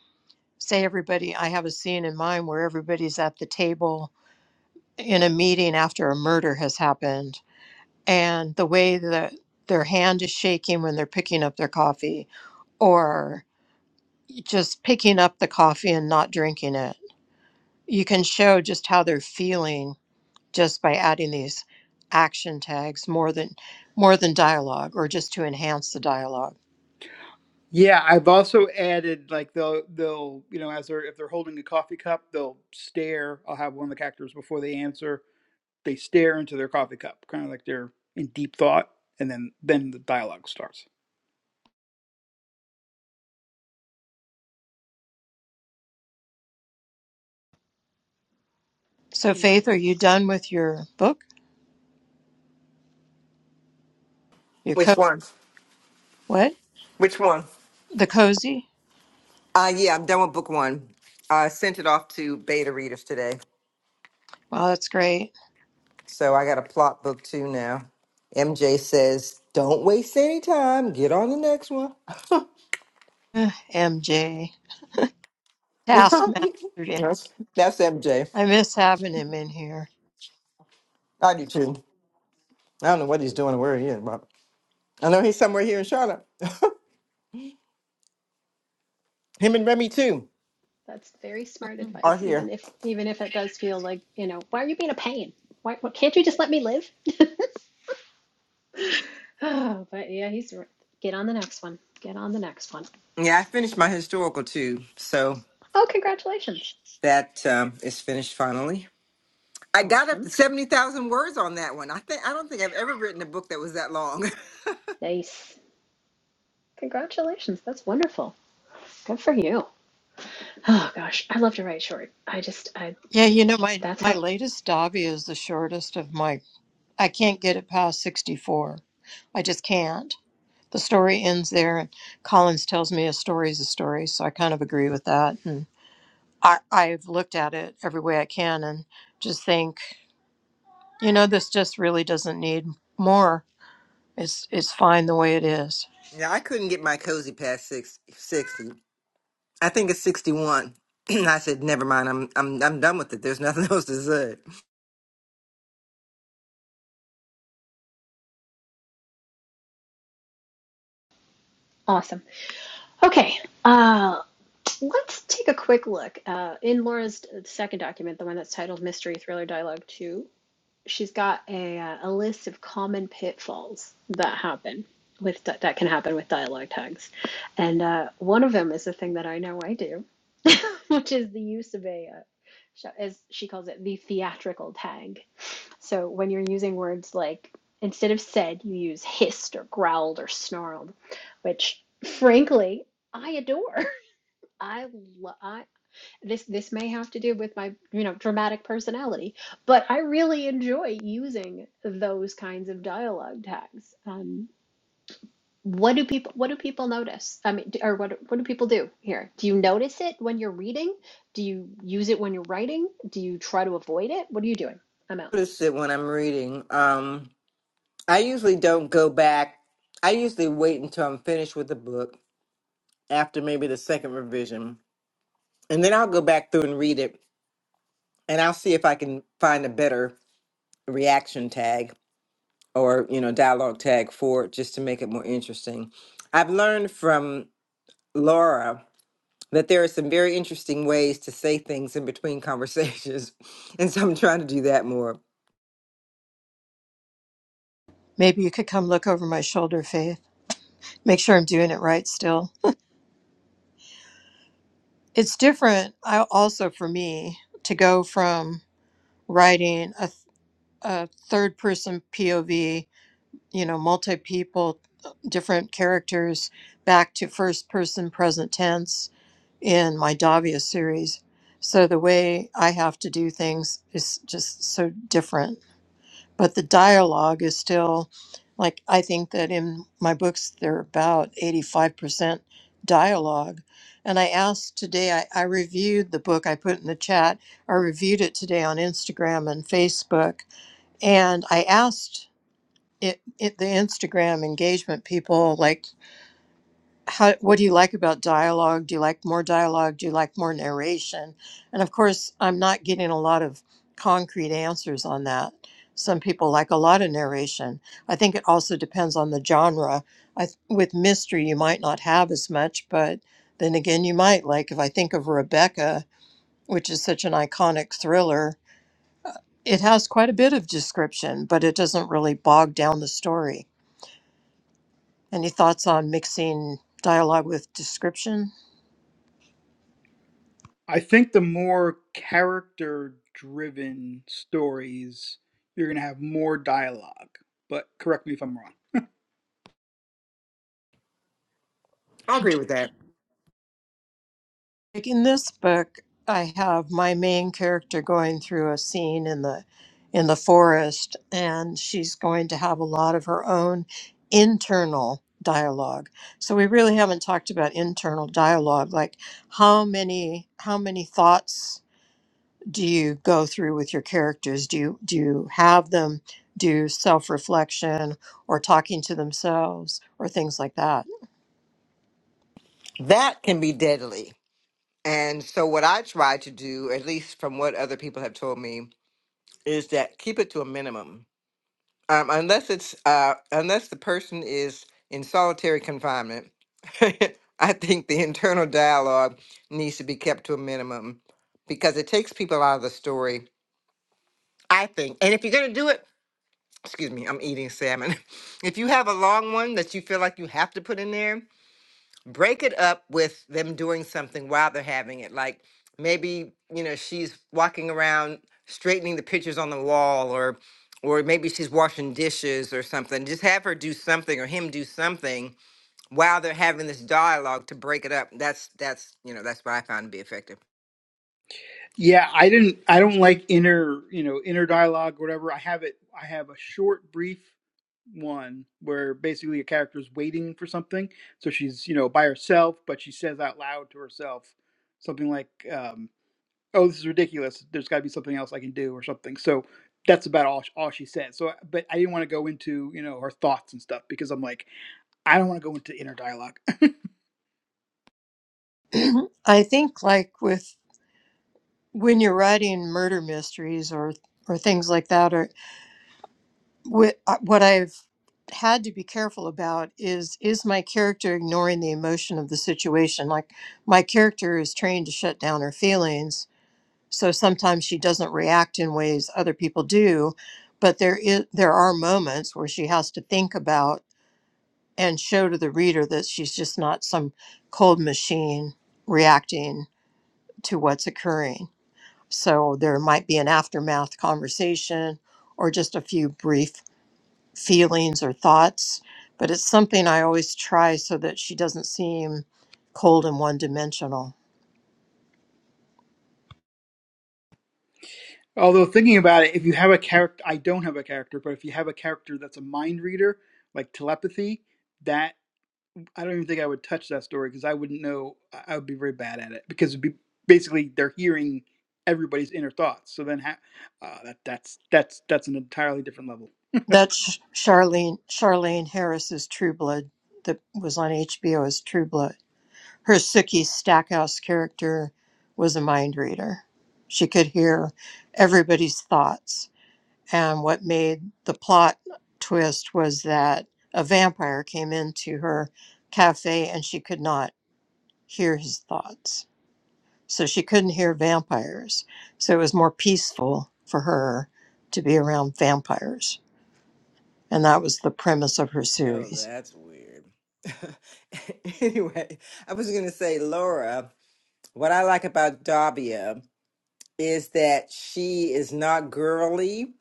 D: say everybody, I have a scene in mind where everybody's at the table in a meeting after a murder has happened, and the way that their hand is shaking when they're picking up their coffee, or just picking up the coffee and not drinking it. You can show just how they're feeling just by adding these action tags more than more than dialogue or just to enhance the dialogue
C: yeah, I've also added like they'll they'll, you know, as they're if they're holding a coffee cup, they'll stare. I'll have one of the characters before they answer, they stare into their coffee cup, kind of like they're in deep thought, and then then the dialogue starts.
D: So, Faith, are you
E: Nice.
D: done with your book? Your co-
G: Which one?
D: what?
G: Which one?
D: The cozy?
G: Uh, yeah, I'm done with book one. I sent it off to beta readers today.
D: Wow, that's great.
G: So I got a plot book two now. MJ says, don't waste any time. Get on the next one.
D: Ugh, MJ, taskmaster. yeah.
G: that's, that's MJ.
D: I miss having him in here.
G: I do too. I don't know what he's doing or where he is, but I know he's somewhere here in Charlotte. Him and Remy too
E: That's very smart
D: Mhm.
G: are
E: advice, even
G: here.
E: if even if it does feel like, you know, why are you being a pain? Why, why can't you just let me live? Oh, but yeah, he's right. Get on the next one. Get on the next one.
G: Yeah, I finished my historical too. So
E: Oh, congratulations.
G: That um, is finished finally. I got up to
E: Awesome.
G: seventy thousand words on that one. I think I don't think I've ever written a book that was that long.
E: Nice. Congratulations. That's wonderful. Good for you. Oh gosh, I love to write short. I just I
D: Yeah, you know my
E: that's
D: my
E: how
D: latest Davi is the shortest of my. I can't get it past sixty four. I just can't. The story ends there, and Collins tells me a story is a story, so I kind of agree with that. And I, I've looked at it every way I can, and just think, you know, this just really doesn't need more. It's it's fine the way it is.
G: yeah, I couldn't get my cozy past six, sixty. I think it's sixty one. I said, never mind. I'm I'm I'm done with it. There's nothing else to say.
E: awesome. Okay. Uh let's take a quick look uh in Laura's second document, the one that's titled Mystery Thriller Dialogue 2. she's got a uh, a list of common pitfalls that happen with di- that can happen with dialogue tags, and uh, one of them is the thing that I know I do, which is the use of a uh, sh- as she calls it the theatrical tag. So when you're using words like instead of said, you use hissed or growled or snarled, which frankly I adore. I lo- I this this may have to do with my you know dramatic personality but i really enjoy using those kinds of dialogue tags um what do people what do people notice i mean or what what do people do here do you notice it when you're reading do you use it when you're writing do you try to avoid it what are you doing i'm out
G: Notice it when I'm reading. Um, I usually don't go back. I usually wait until I'm finished with the book after maybe the second revision, and then I'll go back through and read it, and I'll see if I can find a better reaction tag or you know dialogue tag for it just to make it more interesting i've learned from laura that there are some very interesting ways to say things in between conversations and so i'm trying to do that more
D: Maybe you could come look over my shoulder, Faith. Make sure I'm doing it right still. It's different. I also for me to go from writing a, a third person POV, you know, multi people, different characters, back to first person present tense in my Davia series. So the way I have to do things is just so different but the dialogue is still like I think that in my books they're about 85% dialogue. And I asked today, I, I reviewed the book I put in the chat. I reviewed it today on Instagram and Facebook. And I asked it, it, the Instagram engagement people, like, how what do you like about dialogue do you like more dialogue do you like more narration and of course i'm not getting a lot of concrete answers on that some people like a lot of narration i think it also depends on the genre I, th- with mystery you might not have as much but then again you might like if i think of rebecca which is such an iconic thriller uh, it has quite a bit of description but it doesn't really bog down the story any thoughts on mixing dialogue with description
C: I think the more character driven stories, you're going to have more dialogue. But correct me if I'm wrong.
G: i agree with that
D: Like in this book, I have my main character going through a scene in the in the forest, and she's going to have a lot of her own internal dialogue. So we really haven't talked about internal dialogue, like how many how many thoughts do you go through with your characters? Do you do you have them do self-reflection or talking to themselves or things like that?
G: that can be deadly and so what i try to do at least from what other people have told me is that keep it to a minimum Um, unless it's uh, unless the person is in solitary confinement, I think the internal dialogue needs to be kept to a minimum because it takes people out of the story. I think, and if you're gonna do it, excuse me, I'm eating salmon. If you have a long one that you feel like you have to put in there, break it up with them doing something while they're having it. Like maybe, you know, she's walking around straightening the pictures on the wall or or maybe she's washing dishes or something. Just have her do something or him do something while they're having this dialogue to break it up. That's that's you know, that's what I found to be effective.
C: Yeah, I didn't I don't like inner, you know, inner dialogue or whatever. I have it I have a short brief one where basically a character is waiting for something. So she's, you know, by herself, but she says out loud to herself something like um, oh this is ridiculous there's got to be something else i can do or something so that's about all, all she said so but i didn't want to go into you know her thoughts and stuff because i'm like i don't want to go into inner dialogue
D: I think like with when you're writing murder mysteries or or things like that or wh- uh, what i've had to be careful about is is my character ignoring the emotion of the situation like my character is trained to shut down her feelings so sometimes she doesn't react in ways other people do but there is there are moments where she has to think about and show to the reader that she's just not some cold machine reacting to what's occurring So there might be an aftermath conversation or just a few brief feelings or thoughts. But it's something I always try so that she doesn't seem cold and one dimensional.
C: although thinking about it if you have a character i don't have a character but if you have a character that's a mind reader like telepathy that i don't even think i would touch that story because i wouldn't know i I would be very bad at it because it'd be basically they're hearing everybody's inner thoughts so then ha- uh, that, that's that's that's an entirely different level
D: That's Charlene Charlene Harris's True Blood that was on HBO as True Blood. Her Sookie Stackhouse character was a mind reader. She could hear everybody's thoughts And what made the plot twist was that a vampire came into her cafe and she could not hear his thoughts. So she couldn't hear vampires. So it was more peaceful for her to be around vampires. And that was the premise of her
G: Oh,
D: series.
G: that's weird. anyway, I was going to say, Laura, what I like about Davia is that she is not girly.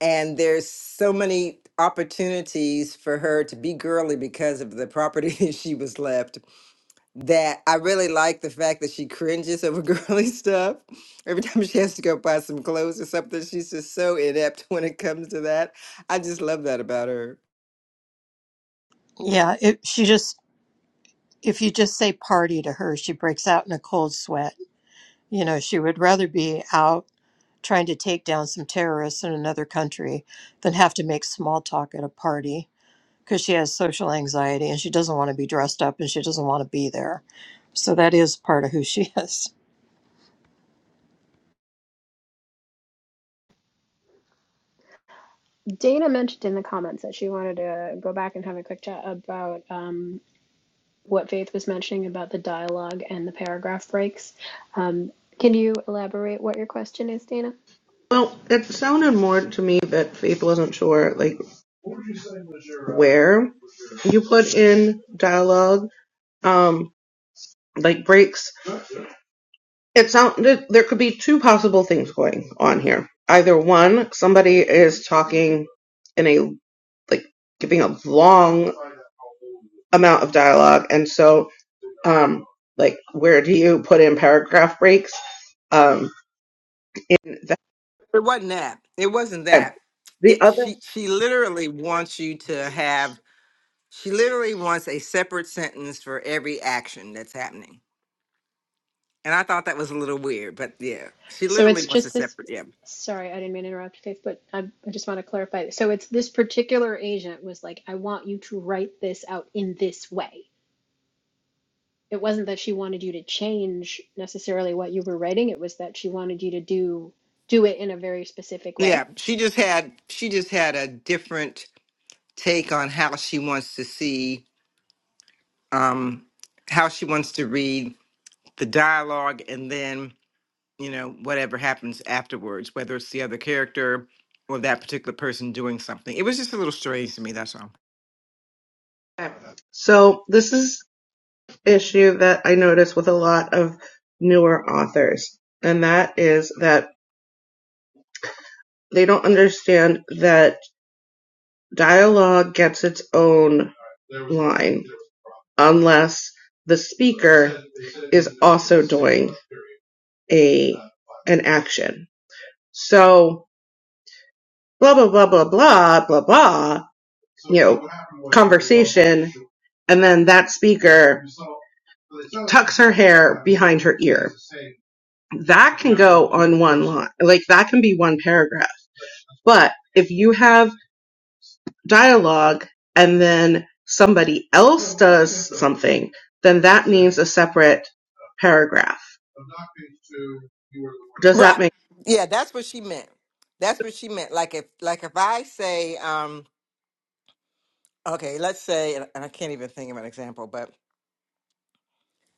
G: and there's so many opportunities for her to be girly because of the property she was left that I really like the fact that she cringes over girly stuff. Every time she has to go buy some clothes or something, she's just so inept when it comes to that. I just love that about her.
D: Yeah, it, she just, if you just say party to her, she breaks out in a cold sweat. You know, she would rather be out trying to take down some terrorists in another country than have to make small talk at a party because she has social anxiety and she doesn't want to be dressed up and she doesn't want to be there. So that is part of who she is.
E: dana mentioned in the comments that she wanted to go back and have a quick chat about um what faith was mentioning about the dialogue and the paragraph breaks um can you elaborate what your question is dana
F: Well, it sounded more to me that Faith wasn't sure, like where you put in dialogue, um, like breaks. It sounded there could be two possible things going on here. Either one, somebody is talking in a like giving a long amount of dialogue, and so um, like where do you put in paragraph breaks? Um, in
G: It wasn't that. It wasn't
F: that
G: that.
F: the
G: It,
F: other
G: she she literally wants you to have she literally wants a separate sentence for every action that's happening And I thought that was a little weird, but yeah, she
E: So it's
G: literally wants a
E: just this.
G: separate. Yeah,
E: Sorry, I didn't mean to interrupt, Faith, but I, I just want to clarify. So it's this particular agent was like, I want you to write this out in this way. It wasn't that she wanted you to change necessarily what you were writing. It was that she wanted you to do do it in a very specific
G: yeah.
E: way.
G: She just had she just had a different take on how she wants to see, um, how she wants to read the dialogue, and then you know whatever happens afterwards, whether it's the other character or that particular person doing something. It was just a little strange to me. That's all.
F: so this is an issue that I notice with a lot of newer authors, and that is that They don't understand that dialogue gets its own line unless the speaker is also doing a an action. So blah blah blah blah blah blah blah you know conversation and then that speaker tucks her hair behind her ear. That can go on one line. Like that can be one paragraph. But if you have dialogue and then somebody else does something, then that means a separate paragraph. Does that
G: Right.
F: make
G: Yeah, that's what she meant. That's what she meant. Like if like if I say, um, okay, let's say and and I can't even think of an example, but.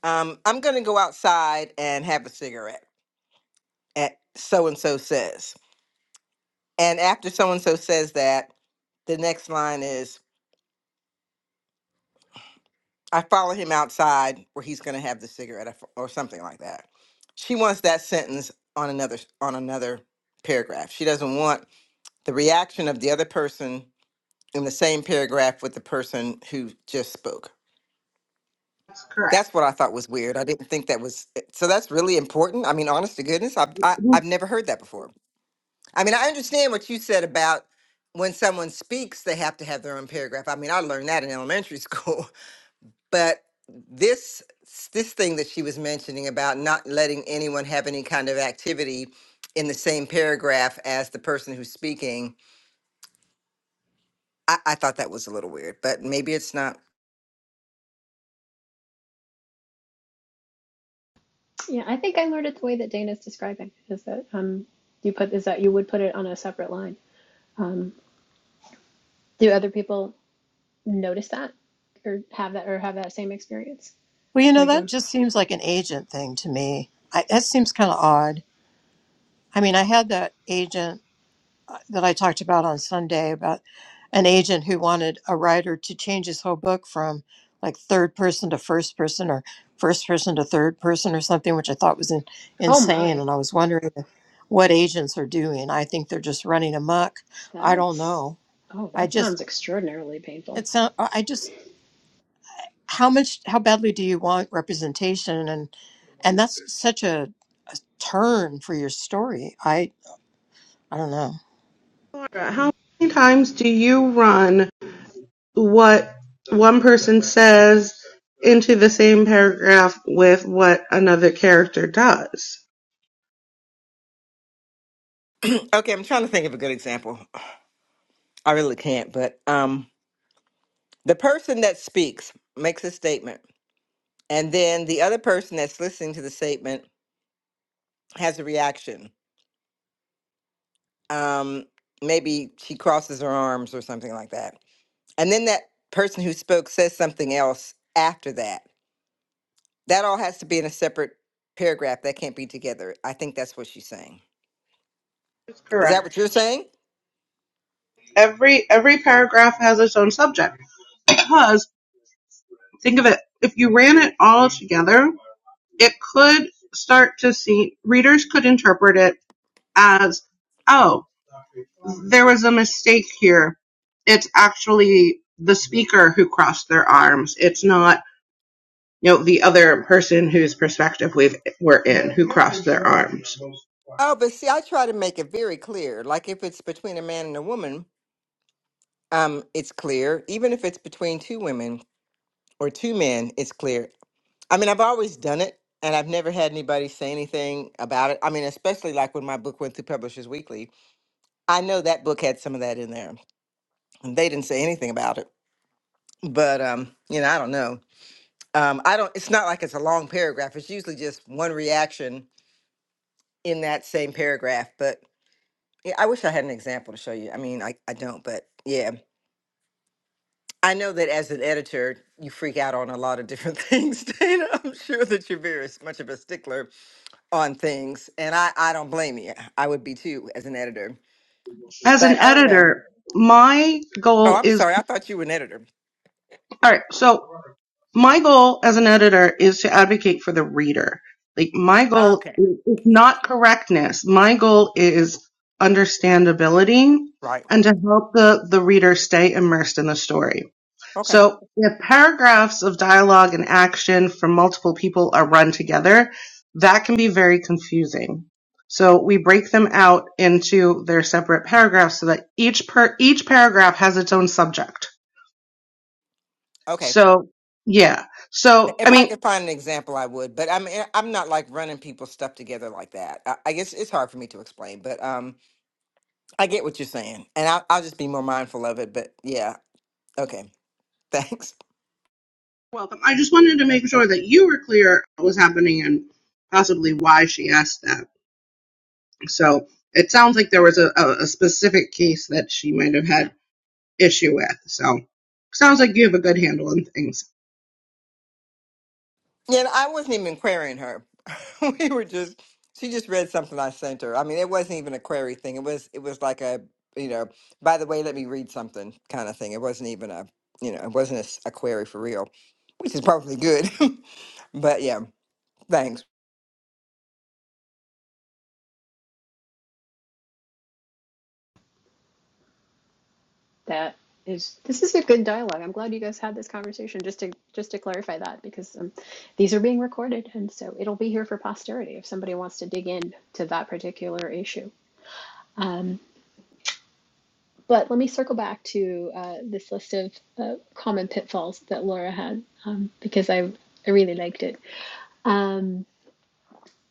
G: Um, I'm going to go outside and have a cigarette. At so and so says, and after so and so says that, the next line is, "I follow him outside where he's going to have the cigarette," or f- or something like that. She wants that sentence on another s- on another paragraph. She doesn't want the reaction of the other person in the same paragraph with the person who just spoke.
F: sense? Correct.
G: That's what I thought was weird. I didn't think that was eh, so. That's really important. I mean, honest to goodness, I've I, I've never heard that before. I mean, I understand what you said about when someone speaks, they have to have their own paragraph. I mean, I learned that in elementary school. But this this thing that she was mentioning about not letting anyone have any kind of activity in the same paragraph as the person who's speaking, I, I thought that was a little weird. But maybe it's not.
E: Yeah, I think I learned it the way that Dana's describing. Is that um you put is that you would put it on a separate line. Um, do other people notice that or have that or have that same experience?
D: Well, you know,
E: Because
D: that
E: um,
D: just seems like an agent thing to me. I, that seems kind of odd. I mean, I had that agent uh, that I talked about on Sunday about an agent who wanted a writer to change his whole book from like third person to first person or first person to third person or something, which I thought was in,
E: oh
D: insane.
E: my.
D: And I was wondering what agents are doing. I think they're just running amok. I don't
E: That's,
D: know.
E: oh,
D: I
E: that
D: just
E: sounds extraordinarily painful.
D: it's not, I just how much how badly do you want representation and and that's such a, a turn for your story. I I don't know.
F: Laura, how many times do you run what one person says into the same paragraph with what another character does?
G: Okay, I'm trying to think of a good example. I really can't. But um, the person that speaks makes a statement, and then the other person that's listening to the statement has a reaction um, maybe she crosses her arms or something like that. And then that person who spoke says something else after that. That all has to be in a separate paragraph. That can't be together. I think that's what she's saying.
F: That's
G: Is that what
F: correct.
G: you're saying?
F: Every every paragraph has its own subject because think of it, if you ran it all together, it could start to see readers could interpret it as, oh, there was a mistake here. It's actually the speaker who crossed their arms. It's not, you know, the other person whose perspective we've, we're in who crossed their arms.
G: Oh, but see, I try to make it very clear. Like if it's between a man and a woman, um, it's clear. Even if it's between two women or two men, it's clear. I mean, I've always done it, and I've never had anybody say anything about it. I mean, especially like when my book went through Publishers Weekly I know that book had some of that in there. They didn't say anything about it, but um, you know, I don't know. Um, I don't. It's not like it's a long paragraph. It's usually just one reaction in that same paragraph. But yeah, I wish I had an example to show you. I mean, I, I don't, but yeah, I know that as an editor, you freak out on a lot of different things. Dana, I'm sure that you're very s- much of a stickler on things, and I I don't blame you. I would be too as an editor.
F: As
G: But
F: an
G: I don't know.
F: editor, my
G: Oh,
F: goal
G: I'm
F: is
G: sorry. I thought you were an editor.
F: all right. So my goal as an editor is to advocate for the reader. Like my goal
G: Okay.
F: is not correctness. My goal is understandability
G: Right.
F: and to help the, the reader stay immersed in the story.
G: Okay.
F: So if paragraphs of dialogue and action from multiple people are run together, that can be very confusing. So we break them out into their separate paragraphs so that each per each paragraph has its own subject.
G: Okay.
F: So yeah. So
G: If
F: I
G: I
F: mean
G: could find an example, I would, but I'm eh, I'm not like running people's stuff together like that. I, I guess it's hard for me to explain, but um, I get what you're saying, and I'll I'll just be more mindful of it. But yeah, okay, thanks.
F: Welcome. I just wanted to make sure that you were clear what was happening and possibly why she asked that. So it sounds like there was a, a, a specific case that she might have had issue with. So sounds like you have a good handle on things.
G: Yeah, and I wasn't even querying her. we were just she just read something I sent her. I mean, it wasn't even a query thing. It was it was like a you know, by the way, let me read something kind of thing. It wasn't even a you know, it wasn't a, s- a query for real, which is probably good. but yeah, thanks.
E: That is, this is a good dialogue. I'm glad you guys had this conversation just to just to clarify that because um, these are being recorded and so it'll be here for posterity if somebody wants to dig in to that particular issue. Um, but let me circle back to uh, this list of uh, common pitfalls that Laura had um, because I I really liked it. Um,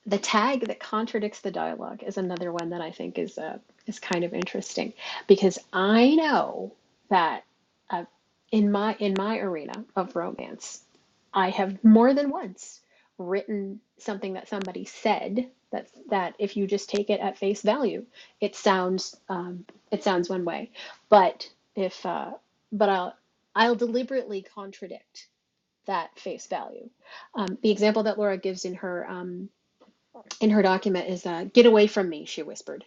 E: The tag that contradicts the dialogue is another one that I think is uh, is kind of interesting because I know that uh, in my in my arena of romance, I have more than once written something that somebody said that that if you just take it at face value, it sounds um, it sounds one way, but if uh, but I'll I'll deliberately contradict that face value. Um, the example that Laura gives in her um, in her document is uh, get away from me she whispered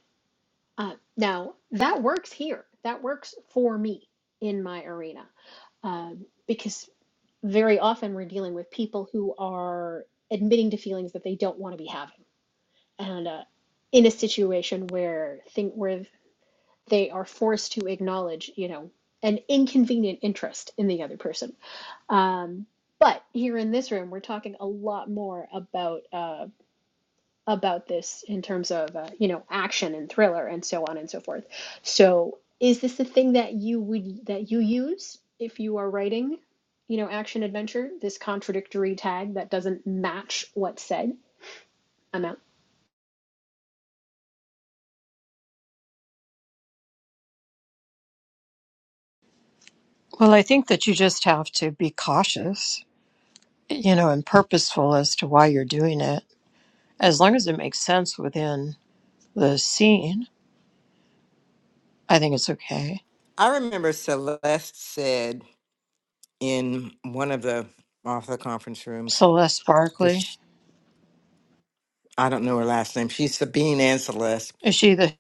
E: uh, now that works here that works for me in my arena um, because very often we're dealing with people who are admitting to feelings that they don't want to be having and uh, in a situation where think where they are forced to acknowledge you know an inconvenient interest in the other person um, but here in this room we're talking a lot more about uh, about this in terms of uh, you know action and thriller and so on and so forth. So is this the thing that you would that you use if you are writing, you know, action adventure? This contradictory tag that doesn't match what's said. I'm out.
D: Well, I think that you just have to be cautious, you know, and purposeful as to why you're doing it. As long as it makes sense within the scene, I think it's okay.
G: I remember Celeste said in one of the author conference rooms
D: Celeste
G: that
D: Barkley,
G: sh I don't know her last name. She's Sabine and Celeste.
D: is she the?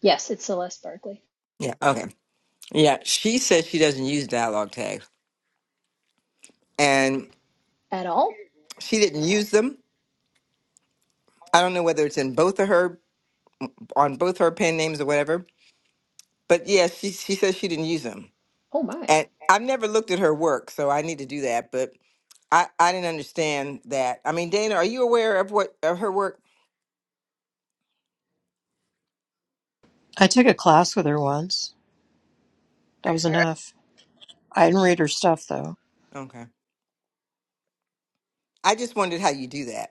E: Yes, it's Celeste Barkley.
G: Yeah. Okay. Yeah. She said she doesn't use dialogue tags, and
E: At all?
G: she didn't use them. I don't know whether it's in both of her on both her pen names or whatever. But yeah, she she says she didn't use them,
E: Oh my.
G: and I've never looked at her work, so I need to do that. But I I didn't understand that. I mean, Dana, are you aware of what of her work?
D: I took a class with her once. That was enough. I didn't read her stuff though.
G: Okay. I just wondered how you do that.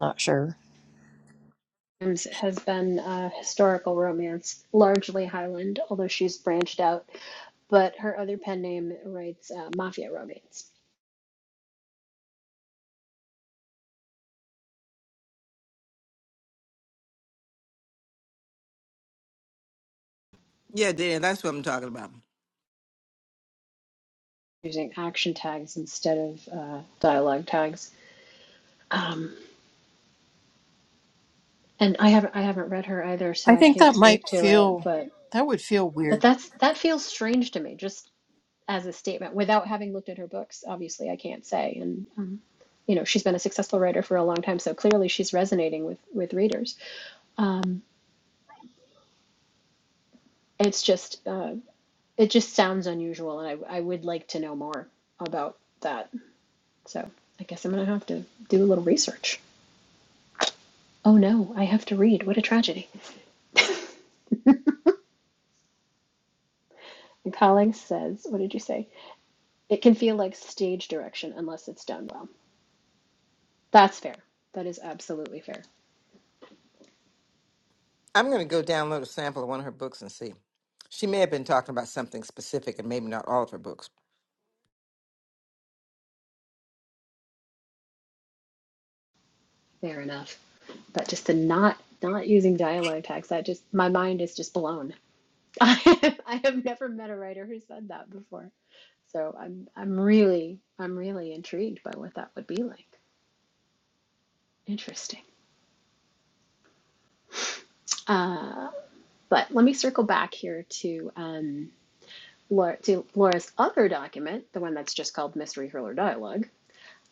D: Not sure.
E: Adams Has been a historical romance, largely Highland, although she's branched out. But her other pen name writes uh, mafia romance,
G: Yeah, Dan, that's what I'm talking about.
E: using action tags instead of uh, dialogue tags. Um, and I haven't I haven't read her either, so
D: I
E: I
D: think
E: can't
D: that
E: speak
D: might
E: to it.
D: feel
E: But
D: that would feel
E: but
D: weird.
E: that's that feels strange to me, just as a statement, without having looked at her books. Obviously, I can't say. And um, you know, she's been a successful writer for a long time, so clearly she's resonating with with readers. Um, it's just uh, it just sounds unusual, and I I would like to know more about that. So I guess I'm gonna have to do a little research. Oh no, I have to read. What a tragedy. And Colleague says, what did you say? It can feel like stage direction unless it's done well. That's fair. That is absolutely fair.
G: I'm going to go download a sample of one of her books and see. She may have been talking about something specific and maybe not all of her books.
E: Fair enough. But just the not not using dialogue tags, that just my mind is just blown. I have never met a writer who said that before. So I'm I'm really I'm really intrigued by what that would be like. Interesting. Uh, but let me circle back here to um, Laura, to Laura's other document, the one that's just called Mystery Hurler Dialogue,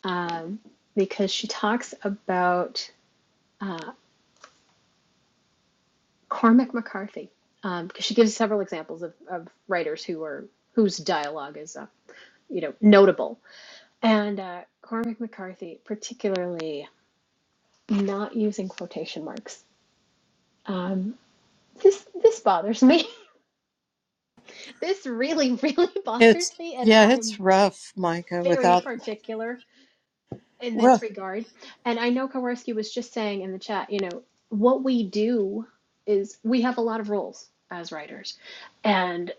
E: um, because she talks about. uh, Cormac McCarthy, um, because she gives several examples of, of writers who are whose dialogue is, uh, you know, notable. And uh, Cormac McCarthy, particularly not using quotation marks. Um, this this bothers me. this really really bothers
D: It's
E: me, and
D: yeah,
E: I
D: it's
E: am
D: rough, Micah,
E: very
D: without
E: particular in this
D: well
E: regard. And I know Kowarski was just saying in the chat, you know, what we do is we have a lot of roles as writers and.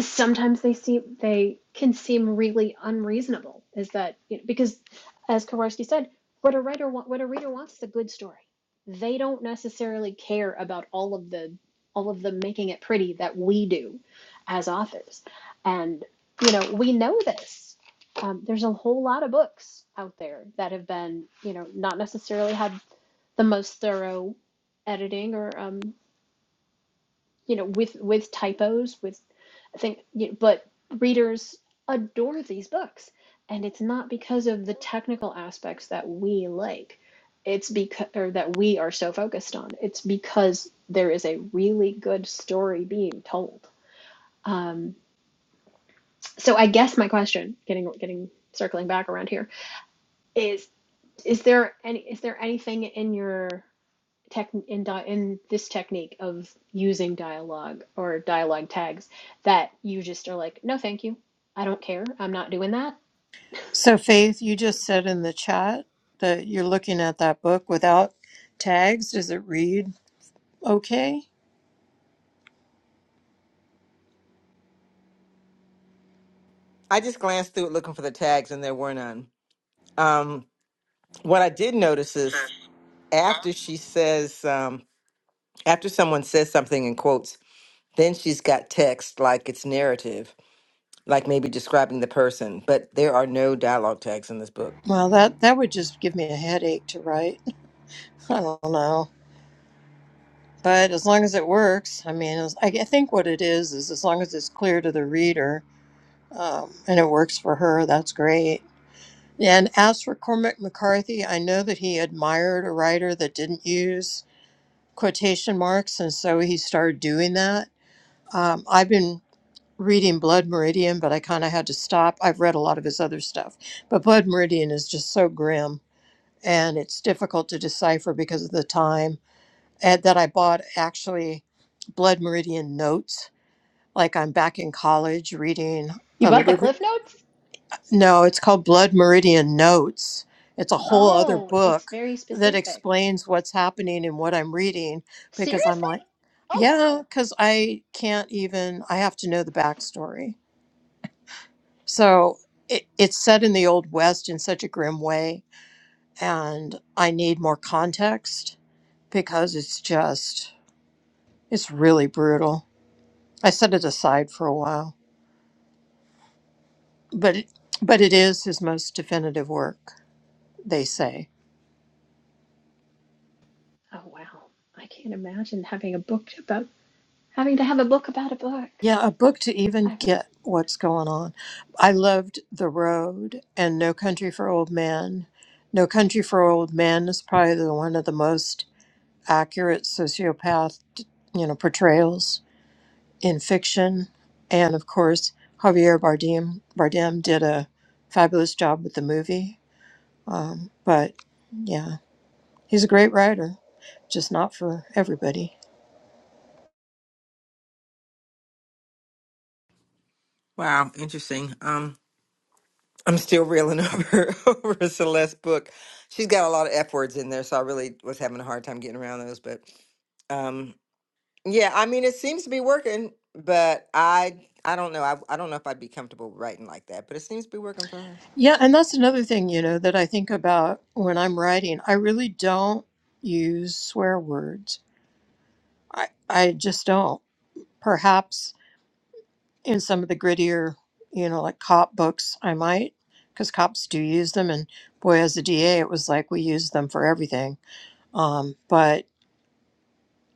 E: sometimes they seem they can seem really unreasonable is that you know, because as Kowarski said what a writer want, what a reader wants is a good story they don't necessarily care about all of the all of the making it pretty that we do as authors and you know we know this um, there's a whole lot of books out there that have been you know not necessarily had the most thorough editing or um, you know, with with typos, with I think, you know, but readers adore these books, and it's not because of the technical aspects that we like. It's because or that we are so focused on. It's because there is a really good story being told. Um, so I guess my question, getting getting circling back around here, is is there any is there anything in your tech in in this technique of using dialogue or dialogue tags that you just are like, no, thank you, I don't care, I'm not doing that.
D: so Faith, you just said in the chat that you're looking at that book without tags. Does it read okay?
G: I just glanced through it looking for the tags and there were none. Um, what I did notice is after she says, um, after someone says something in quotes, then she's got text like it's narrative, like maybe describing the person, but there are no dialogue tags in this book.
D: Well that that would just give me a headache to write. I don't know. But as long as it works, I mean, as- I I think what it is is as long as it's clear to the reader um, and it works for her, that's great. And as for Cormac McCarthy, I know that he admired a writer that didn't use quotation marks, and so he started doing that. Um, I've been reading Blood Meridian, but I kind of had to stop. I've read a lot of his other stuff, but Blood Meridian is just so grim and it's difficult to decipher because of the time. And that I bought actually Blood Meridian notes, like I'm back in college reading
E: You
D: a
E: bought the
D: little
E: Cliff Notes?
D: No, it's called Blood Meridian Notes. It's a whole other
E: Oh, it's
D: book
E: very
D: that
E: specific.
D: explains what's happening and what I'm reading because I'm
E: Seriously?
D: like,
E: Oh
D: yeah,
E: wow.
D: because I can't even, I have to know the backstory. So it, it's set in the Old West in such a grim way, and I need more context because it's just, it's really brutal. I set it aside for a while, but it, but it is his most definitive work, they say.
E: Oh wow. I can't imagine having a book about having to have a book about a book.
D: Yeah, a book to even
E: I mean,
D: get what's going on. I loved The Road and No Country for Old Men. No Country for Old Men is probably the one of the most accurate sociopath, you know, portrayals in fiction. And of course, Javier Bardem Bardem did a fabulous job with the movie. Um, but yeah, he's a great writer, just not for everybody.
G: Wow, interesting. Um, I'm still reeling over over Celeste's book. She's got a lot of F words in there, so I really was having a hard time getting around those. But um, yeah, I mean, it seems to be working, but I I don't know. I I don't know if I'd be comfortable writing like that, but it seems to be working for her.
D: Yeah, and that's another thing, you know, that I think about when I'm writing. I really don't use swear words. I, I just don't. Perhaps in some of the grittier, you know, like cop books, I might, because cops do use them. And boy, as a DA, it was like we used them for everything. Um, but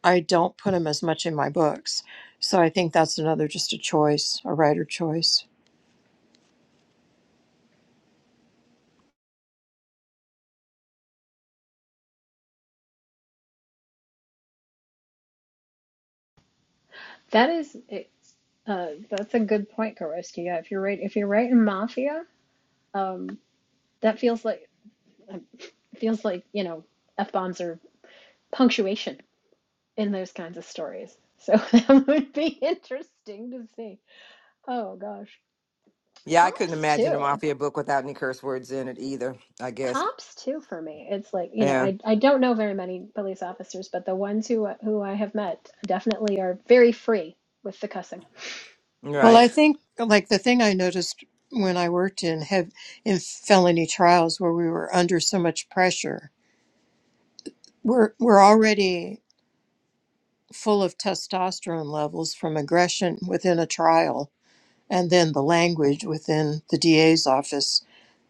D: I don't put them as much in my books. So I think that's another just a choice, a writer choice.
E: that is it's uh that's a good point, Karostia. If you're right, if you're right in Mafia, um, that feels like uh, feels like you know f bombs are punctuation in those kinds of stories. So that would be interesting to see. Oh gosh.
G: Yeah, I couldn't
E: Cops
G: imagine a
E: too.
G: mafia book without any curse words in it either. I guess.
E: Cops too for me. It's like, you know,
G: Yeah.
E: I, I don't know very many police officers, but the ones who who I have met definitely are very free with the cussing.
D: Well, I
G: Right.
D: think like the thing I noticed when I worked in hev- in felony trials where we were under so much pressure, we're we're already full of testosterone levels from aggression within a trial and then the language within the DA's office.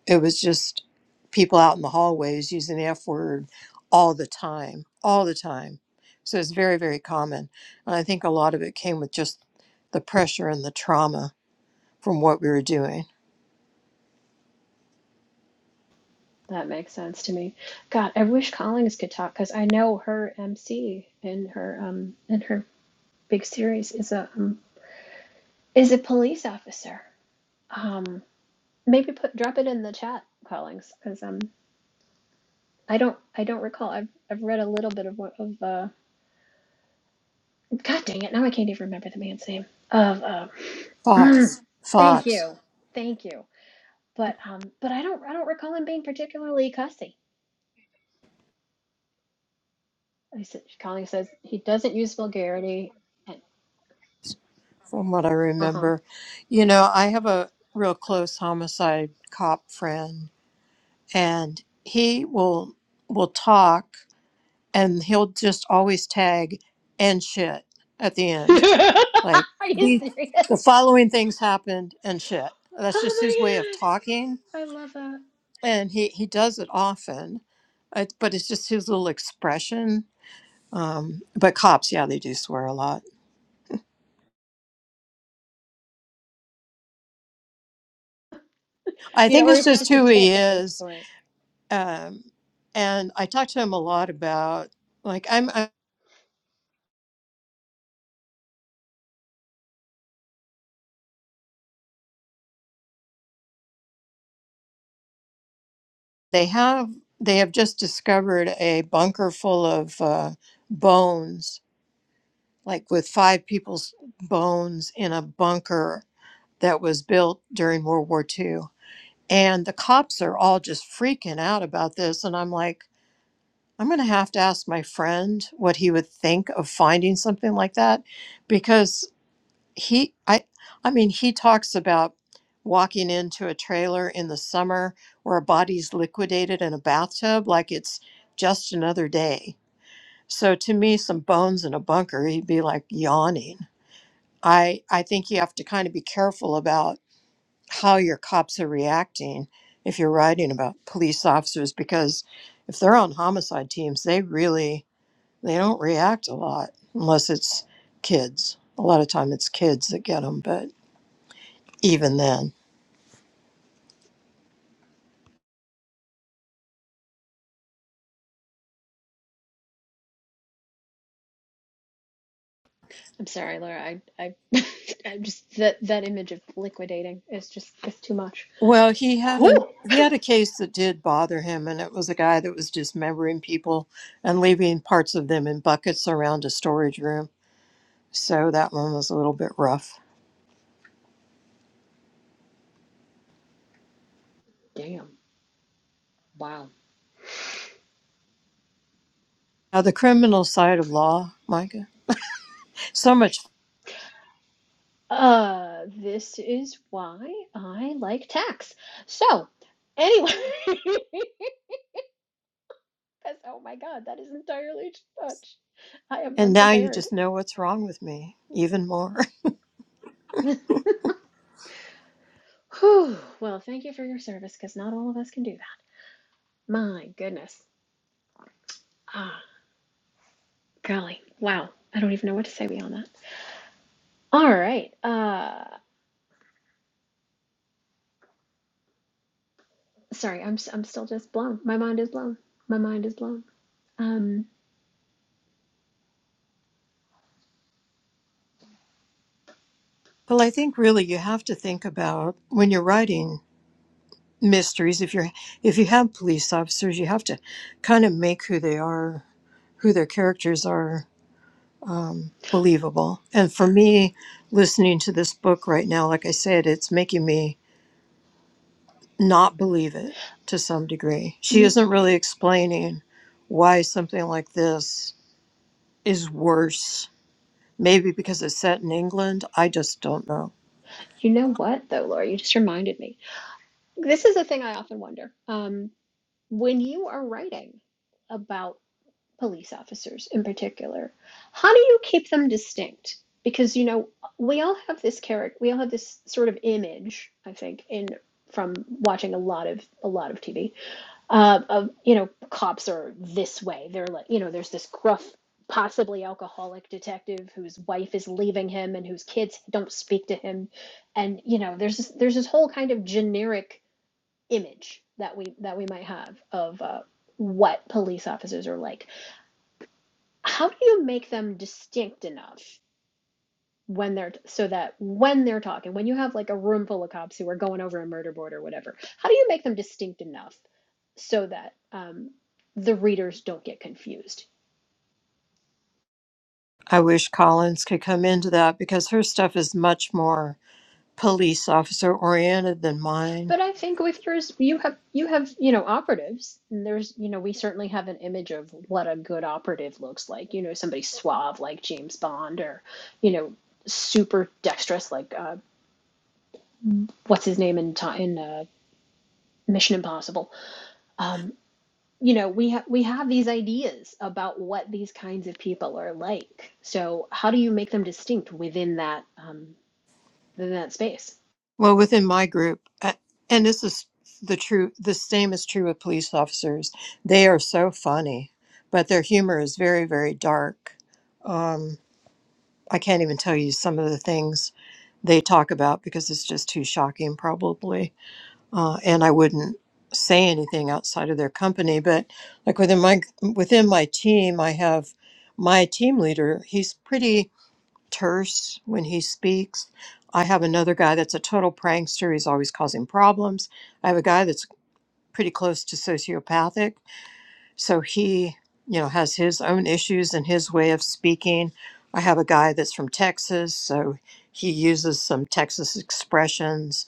D: It was just people out in the hallways using the F word all the time, all the time. So it's very, very common. And I think a lot of it came with just the pressure and the trauma from what we were doing.
E: That makes sense to me. God, I wish Collins could talk because I know her MC in her um in her big series is a um, is a police officer. Um, maybe put drop it in the chat, Collins, because um I don't I don't recall. I've I've read a little bit of one of uh God dang it, now I can't even remember the man's name. Of uh, mm,
D: Fox,
E: thank
D: Fox,
E: you. Thank you. But um but I don't I don't recall him being particularly cussy. I said Colleen says he doesn't use vulgarity and
D: from what I
E: uh-huh.
D: remember. You know, I have a real close homicide cop friend and he will will talk and he'll just always tag and shit at the end. Like
E: Are you
D: the
E: serious?
D: the following things happened and shit. That's just his way of
E: Oh
D: talking
E: my god. I love that.
D: and he he does it often. It, but it's just his little expression. Um, but cops, yeah, they do swear a lot. I
E: You know,
D: think
E: or
D: it's
E: is it
D: just
E: just a
D: who he
E: tick at this
D: is
E: point?
D: um, and I talked to him a lot about like I'm, i they have they have just discovered a bunker full of uh, bones like with five people's bones in a bunker that was built during World War Two, and the cops are all just freaking out about this and I'm like I'm going to have to ask my friend what he would think of finding something like that because he i i mean he talks about walking into a trailer in the summer where a body's liquidated in a bathtub like it's just another day so to me some bones in a bunker he'd be like yawning i i think you have to kind of be careful about how your cops are reacting if you're writing about police officers because if they're on homicide teams they really they don't react a lot unless it's kids a lot of time it's kids that get them but even then.
E: I'm sorry, Laura. I I I'm just that that image of liquidating is just it's too much.
D: Well, he had an
E: Whew.
D: he had a case that did bother him, and it was a guy that was dismembering people and leaving parts of them in buckets around a storage room. So that one was a little bit rough.
E: Damn. Wow.
D: Now the criminal side of law, Micah, so much,
E: Uh, this is why I like tax. So, anyway, because oh my God, that is entirely too much. I am
D: and now you
E: unprepared.
D: just know what's wrong with me even more.
E: Whew. Well, thank you for your service, because not all of us can do that. My goodness. Ah, golly. Wow. I don't even know what to say beyond that. All right. Uh, sorry, I'm i I'm still just blown. My mind is blown. My mind is blown. Um,
D: Well, I think really you have to think about when you're writing mysteries. If you're if you have police officers, you have to kind of make who they are, who their characters are, believable. And for me, listening to this book right now, like I said, it's making me not believe it to some degree. She
E: you
D: isn't really explaining why something like this is worse. Maybe because it's set in England. I just don't know.
E: you know what though, Laura? You just reminded me. This is a thing I often wonder. Um, when you are writing about police officers in particular, how do you keep them distinct? Because you know, we all have this character, we all have this sort of image, I think, in from watching a lot of a lot of TV, uh, of you know, cops are this way. They're like, you know, there's this gruff, possibly alcoholic detective whose wife is leaving him and whose kids don't speak to him, and you know, there's this, there's this whole kind of generic image that we that we might have of uh, what police officers are like. How do you make them distinct enough when they're so that when they're talking, when you have like a room full of cops who are going over a murder board or whatever, how do you make them distinct enough so that um, the readers don't get confused?
D: I wish Collins could come into that because her stuff is much more police officer oriented than mine
E: But I think with yours, you have you have you know operatives, and there's you know we certainly have an image of what a good operative looks like. You know, somebody suave like James Bond, or you know, super dexterous like uh, what's his name in ti in uh, Mission Impossible. Um, you know, we have we have these ideas about what these kinds of people are like. So how do you make them distinct within that um, within that space?
D: Well, within my group, uh, and this is the true, the same is true with police officers. They are so funny, but their humor is very, very dark. Um, I can't even tell you some of the things they talk about because it's just too shocking, probably. Uh, and I wouldn't say anything outside of their company. But like within my within my team, I have my team leader. He's pretty terse when he speaks. I have another guy that's a total prankster. He's always causing problems. I have a guy that's pretty close to sociopathic. So he, you know, has his own issues and his way of speaking. I have a guy that's from Texas. So he uses some Texas expressions.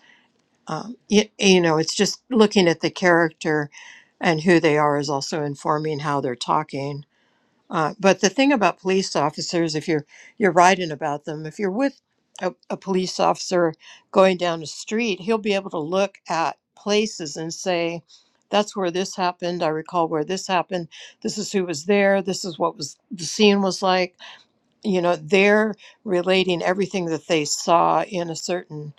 D: Um, y you know, it's just looking at the character and who they are is also informing how they're talking uh, but the thing about police officers, if you're you're writing about them, if you're with a, a police officer going down the street, he'll be able to look at places and say, "That's where this happened. I recall where this happened. This is who was there. This is what was the scene was like." You know, they're relating everything that they saw in a certain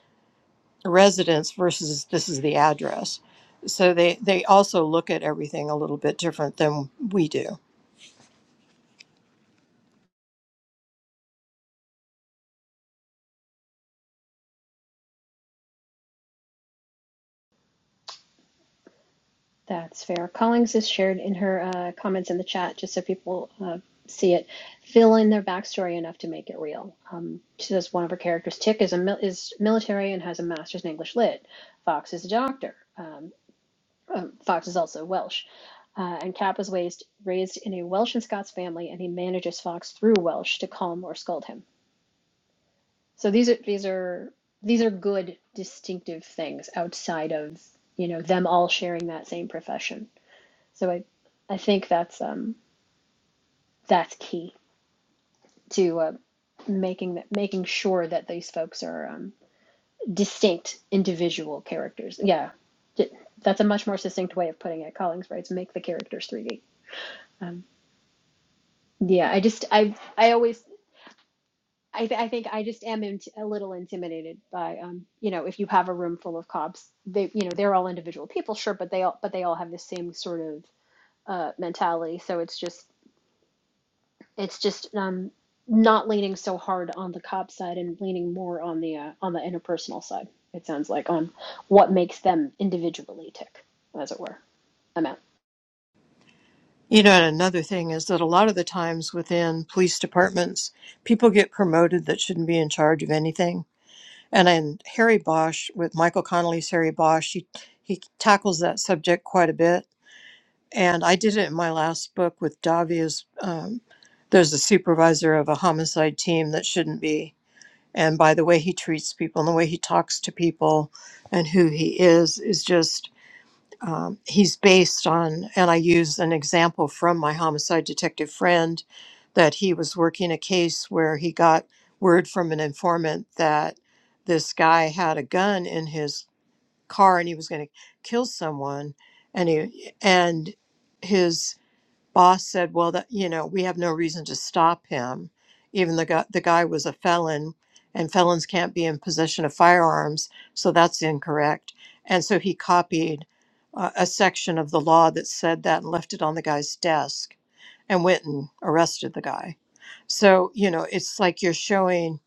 D: residence versus this is the address. So they they also look at everything a little bit different than we do.
E: That's fair. Collings has shared in her uh, comments in the chat, just so people uh, see it, fill in their backstory enough to make it real. Um, she says one of her characters, Tick, is a mil- is military and has a master's in English Lit. Fox is a doctor. Um, um, Fox is also Welsh. Uh, and Cap was raised, raised in a Welsh and Scots family, and he manages Fox through Welsh to calm or scold him. So these are these are these are good distinctive things outside of you know them all sharing that same profession. So I, I think that's um, that's key to uh, making that making sure that these folks are um, distinct individual characters. Yeah, D- that's a much more succinct way of putting it. Collings writes, make the characters three D. Um, yeah, I just I I always. I, th- I think I just am int- a little intimidated by, um, you know, if you have a room full of cops, they, you know, they're all individual people, sure, but they all, but they all have the same sort of uh, mentality. So it's just It's just um, not leaning so hard on the cop side and leaning more on the uh, on the interpersonal side. It sounds like on what makes them individually tick, as it were. I'm out.
D: You know, and another thing is that a lot of the times within police departments, people get promoted that shouldn't be in charge of anything. And in Harry Bosch, with Michael Connolly's Harry Bosch, he, he tackles that subject quite a bit. And I did it in my last book with Davia's. Um, there's a supervisor of a homicide team that shouldn't be. And by the way he treats people and the way he talks to people and who he is, is just um, he's based on, and I use an example from my homicide detective friend that he was working a case where he got word from an informant that this guy had a gun in his car and he was going to kill someone, and he and his boss said, "Well, that you know, we have no reason to stop him, even the guy, the guy was a felon, and felons can't be in possession of firearms, so that's incorrect." And so he copied uh, a section of the law that said that and left it on the guy's desk and went and arrested the guy. So you know, it's like you're showing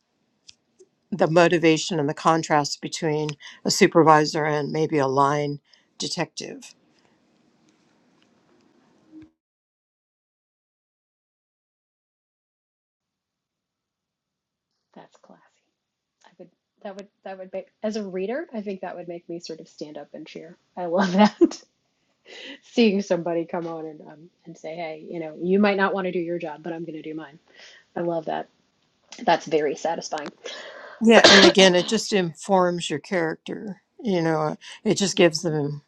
D: the motivation and the contrast between a supervisor and maybe a line detective
E: That's classy. I would that would that would make as a reader, I think that would make me sort of stand up and cheer. I love that. Seeing somebody come on and um, and say, "Hey, you know, you might not want to do your job, but I'm going to do mine." I love that. That's very satisfying.
D: Yeah, and again, it just informs your character. You know, it just gives
E: hmm
D: them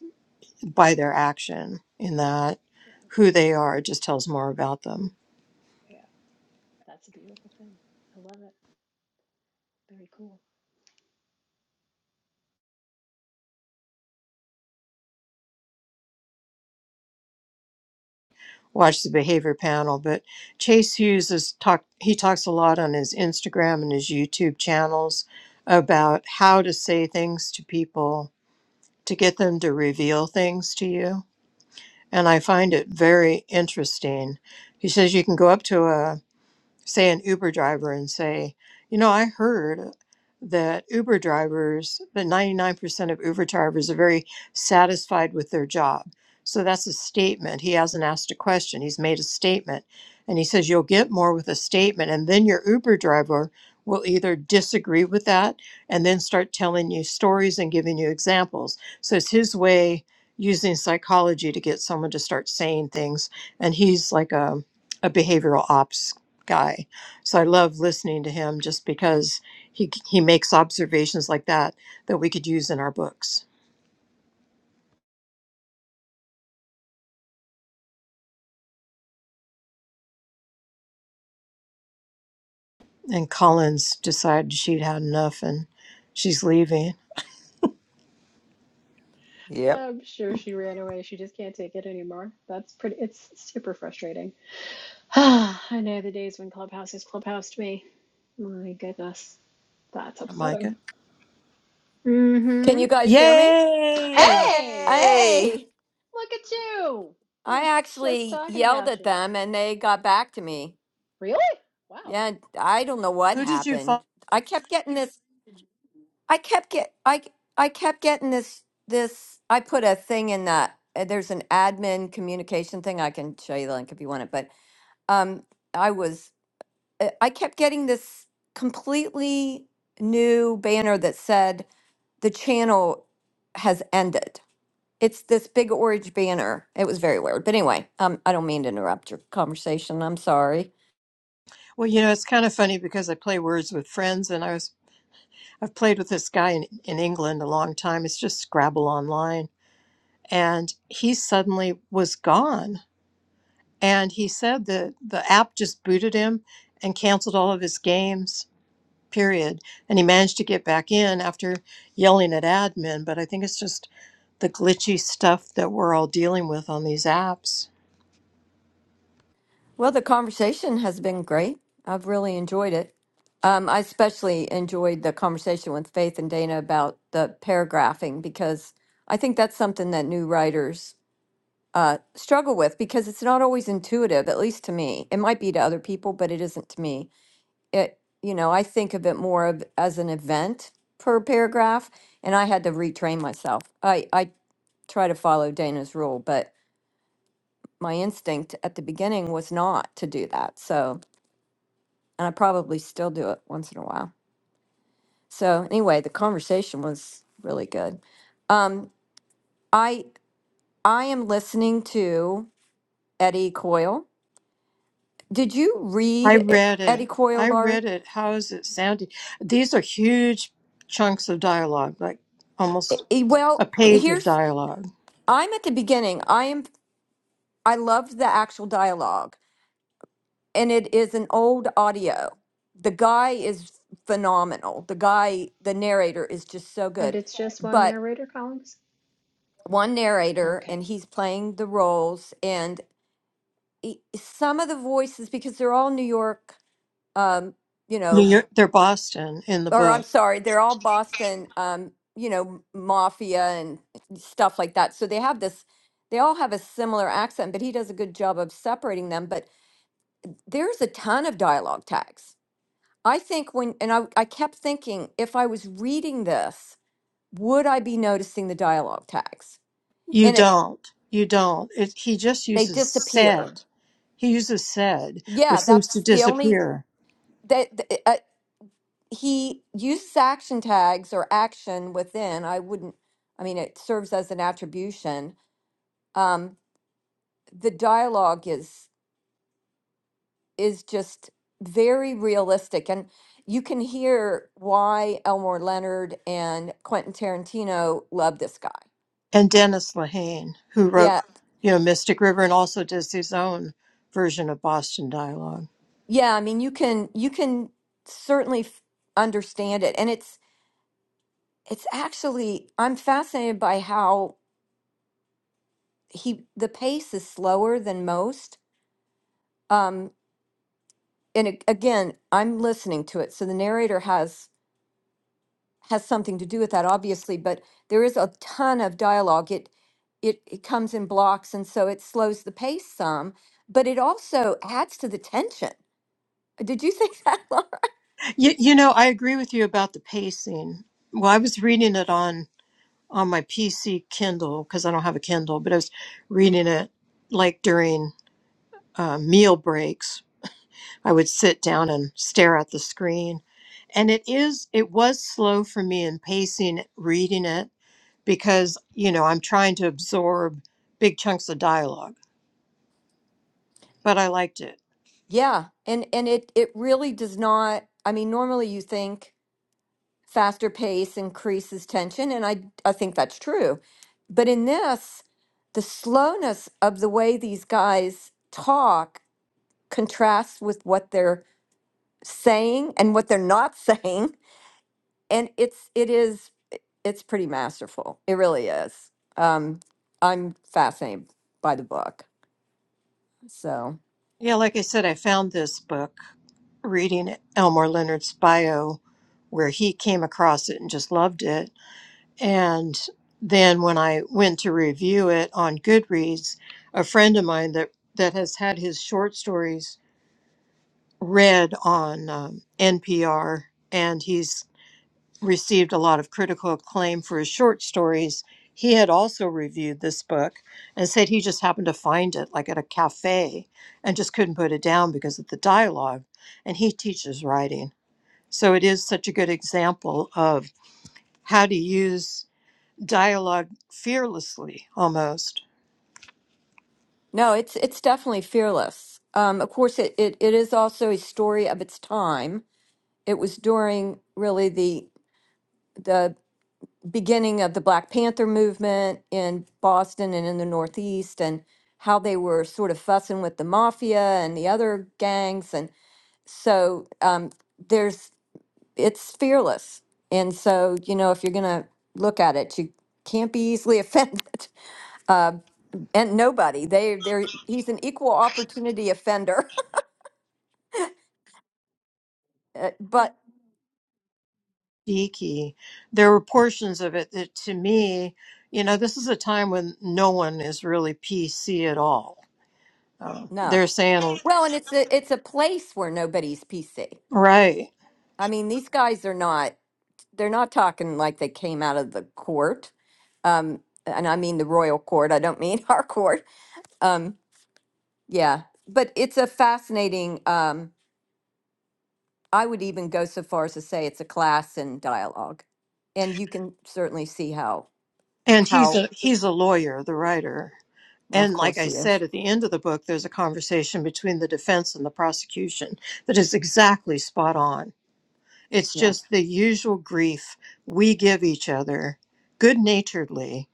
D: by their action in that
E: Yeah,
D: who they are. It just tells more about them.
E: yeah, that's a beautiful thing. I love it. Very cool.
D: Watch the behavior panel, but Chase Hughes is talk. He talks a lot on his Instagram and his YouTube channels about how to say things to people to get them to reveal things to you, and I find it very interesting. He says you can go up to say an Uber driver and say, you know, I heard that Uber drivers, that 99% of Uber drivers are very satisfied with their job. So that's a statement. He hasn't asked a question, he's made a statement. And he says, you'll get more with a statement. And then your Uber driver will either disagree with that and then start telling you stories and giving you examples. So it's his way using psychology to get someone to start saying things. And he's like a, a behavioral ops guy. So I love listening to him just because he he makes observations like that that we could use in our books. And Collins decided she'd had enough and she's leaving.
G: Yep.
E: I'm sure she ran away. She just can't take it anymore. That's pretty, it's super frustrating. I know the days when Clubhouse is Clubhouse to me. My goodness, that's upsetting.
D: Micah.
A: Can
E: Mm-hmm.
A: you guys hear me?
D: Yay!
E: Hey,
G: Yay!
A: Hey,
E: look at you. We
A: I
E: were just
A: actually
E: talking
A: yelled
E: about
A: at
E: you.
A: them and they got back to me.
E: Really? Wow.
A: Yeah, I don't know what
D: Who did you
A: happened.
D: find?
A: I kept getting this. I kept get. I I kept getting this. This. I put a thing in that. uh, There's an admin communication thing. I can show you the link if you want it. But um, I was. uh, I kept getting this completely new banner that said the channel has ended. It's this big orange banner. It was very weird. But anyway, um, I don't mean to interrupt your conversation. I'm sorry.
D: Well, you know, it's kind of funny because I play words with friends and I was I've played with this guy in, in England a long time. It's just Scrabble online. And he suddenly was gone. And he said that the app just booted him and canceled all of his games period. And he managed to get back in after yelling at admin. But I think it's just the glitchy stuff that we're all dealing with on these apps.
A: Well, the conversation has been great. I've really enjoyed it. Um, I especially enjoyed the conversation with Faith and Dana about the paragraphing because I think that's something that new writers uh, struggle with because it's not always intuitive, at least to me. It might be to other people, but it isn't to me. It, you know, I think of it more of as an event per paragraph, and I had to retrain myself. I, I try to follow Dana's rule, but my instinct at the beginning was not to do that. So, and I probably still do it once in a while. So, anyway, the conversation was really good. Um, I I am listening to Eddie Coyle Did you read
D: I
A: E-
D: read
A: Eddie
D: it.
A: Coyle,
D: I
A: Laura?
D: read it. How is it sounding? These are huge chunks of dialogue, like
A: E-
D: almost
A: e- Well,
D: a page of
A: here's
D: dialogue.
A: I'm at the beginning. I am I loved the actual dialogue, and it is an old audio. The guy is phenomenal. The guy, the narrator is just so
E: And
A: good.
E: it's just one
A: But
E: narrator, Collins?
A: one narrator, and
E: Okay.
A: he's playing the roles, and he, some of the voices because they're all New York, um, you
D: New
A: know,
D: York, they're Boston in the
A: or I'm
D: book.
A: sorry, they're all Boston, um, you know, mafia and stuff like that. So they have this, they all have a similar accent, but he does a good job of separating them. But there's a ton of dialogue tags. I think when, and I, I kept thinking, if I was reading this, would I be noticing the dialogue tags?
D: You
A: And it,
D: don't. You don't. It, he just
A: they
D: uses
A: disappear.
D: said. He uses said,
A: Yeah,
D: which seems to
A: that's the only
D: disappear.
A: that th- uh, he uses action tags or action within. I wouldn't. I mean, it serves as an attribution, um, the dialogue is is just very realistic, and you can hear why Elmore Leonard and Quentin Tarantino love this guy.
D: and Dennis Lehane, who wrote,
A: Yeah,
D: you know, Mystic River and also does his own version of Boston Dialogue.
A: yeah. I mean, you can you can certainly f- understand it, and it's it's actually I'm fascinated by how he the pace is slower than most. Um, and a- again, I'm listening to it, so the narrator has has something to do with that, obviously, but there is a ton of dialogue. It it it comes in blocks, and so it slows the pace some, but it also adds to the tension. Did you think that, Laura?
D: You, you know, I agree with you about the pacing. Well, I was reading it on on my PC Kindle because I don't have a Kindle, but I was reading it like during uh, meal breaks. I would sit down and stare at the screen, and it is it was slow for me in pacing reading it because you know I'm trying to absorb big chunks of dialogue, but I liked it
A: Yeah, and and it it really does not. I mean, normally you think faster pace increases tension, and I I think that's true, but in this, the slowness of the way these guys talk contrasts with what they're saying and what they're not saying and it's it is it's pretty masterful. It really is. Um, I'm fascinated by the book. So
D: Yeah, like I said, I found this book reading Elmore Leonard's bio where he came across it and just loved it. And then when I went to review it on Goodreads, a friend of mine that, that has had his short stories read on um, NPR, and he's received a lot of critical acclaim for his short stories. He had also reviewed this book and said he just happened to find it like at a cafe and just couldn't put it down because of the dialogue. And he teaches writing. So it is such a good example of how to use dialogue fearlessly almost.
A: no, it's it's definitely fearless. Um, of course, it, it it is also a story of its time. It was during really the the beginning of the Black Panther movement in Boston and in the Northeast, and how they were sort of fussing with the mafia and the other gangs, and so um, there's it's fearless. And so, you know, if you're going to look at it, you can't be easily offended. Uh, and nobody, they, they're, he's an equal opportunity offender. Uh, but
D: Geeky. There were portions of it that to me, you know, this is a time when no one is really PC at all. Uh,
A: no.
D: they're saying,
A: Well, and it's a, it's a place where nobody's PC.
D: right.
A: I mean, these guys are not, they're not talking like they came out of the court. Um, and I mean the royal court, I don't mean our court. Um, yeah, but it's a fascinating. Um, I would even go so far as to say it's a class in dialogue. And you can certainly see how
D: And he's
A: how
D: a he's a lawyer, the writer.
A: well, of
D: And like
A: course
D: I
A: he is.
D: said, at the end of the book, there's a conversation between the defense and the prosecution that is exactly spot on. It's
A: Yeah.
D: just the usual grief we give each other good naturedly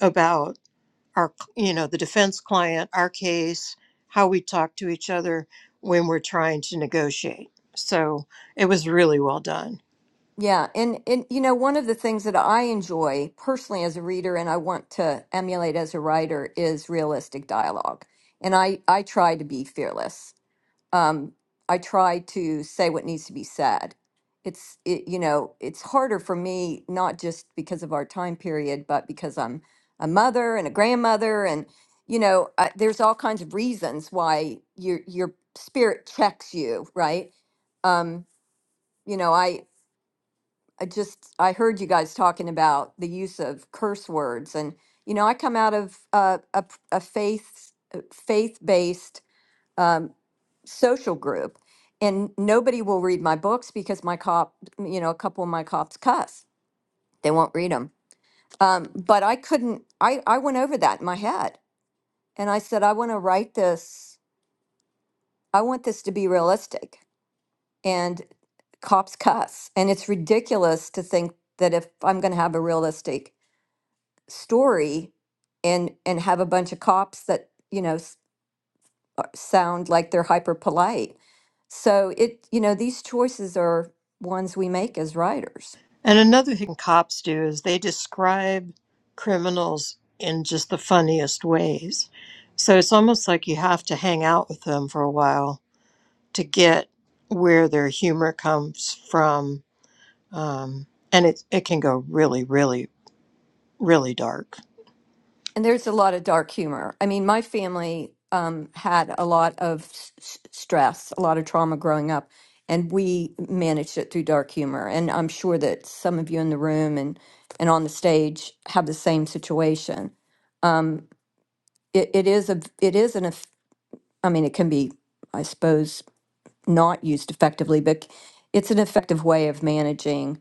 D: about our, you know, the defense client, our case, how we talk to each other when we're trying to negotiate. So it was really well done.
A: Yeah. And and you know, one of the things that I enjoy personally as a reader and I want to emulate as a writer is realistic dialogue. And I I try to be fearless um, I try to say what needs to be said. It's it, you know it's harder for me not just because of our time period, but because I'm a mother and a grandmother, and you know I, there's all kinds of reasons why your your spirit checks you, right? Um, you know I I just I heard you guys talking about the use of curse words, and you know I come out of uh, a, p- a faith faith based social group and nobody will read my books because my cop you know a couple of my cops cuss they won't read them um, but i couldn't I, I went over that in my head and i said i want to write this i want this to be realistic and cops cuss and it's ridiculous to think that if i'm going to have a realistic story and and have a bunch of cops that you know s- uh, sound like they're hyper polite. So it, you know, these choices are ones we make as writers.
D: And another thing cops do is they describe criminals in just the funniest ways. So it's almost like you have to hang out with them for a while to get where their humor comes from. Um, and it, it can go really, really, really dark.
A: And there's a lot of dark humor. I mean, my family um, had a lot of s- s- stress, a lot of trauma growing up, and we managed it through dark humor. And I'm sure that some of you in the room and and on the stage have the same situation. Um, it, it is a it is an eff- I mean, it can be, I suppose, not used effectively, but it's an effective way of managing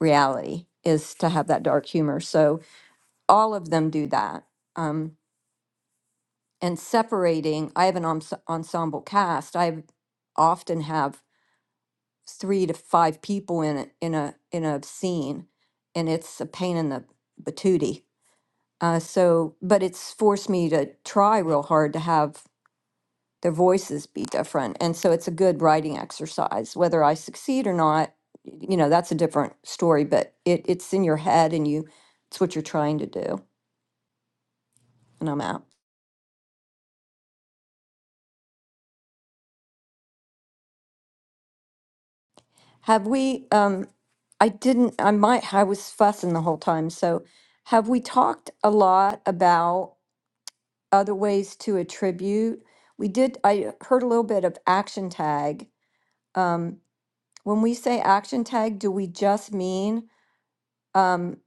A: reality is to have that dark humor. So all of them do that. Um, and separating, I have an ense- ensemble cast. I often have three to five people in a, in a in a scene, and it's a pain in the patootie. Uh, so, but it's forced me to try real hard to have their voices be different. And so it's a good writing exercise. Whether I succeed or not, you know, that's a different story, but it, it's in your head and you, it's what you're trying to do. And I'm out. Have we, um, I didn't, I might, I was fussing the whole time. So have we talked a lot about other ways to attribute? We did, I heard a little bit of action tag. Um, when we say action tag, do we just mean, um,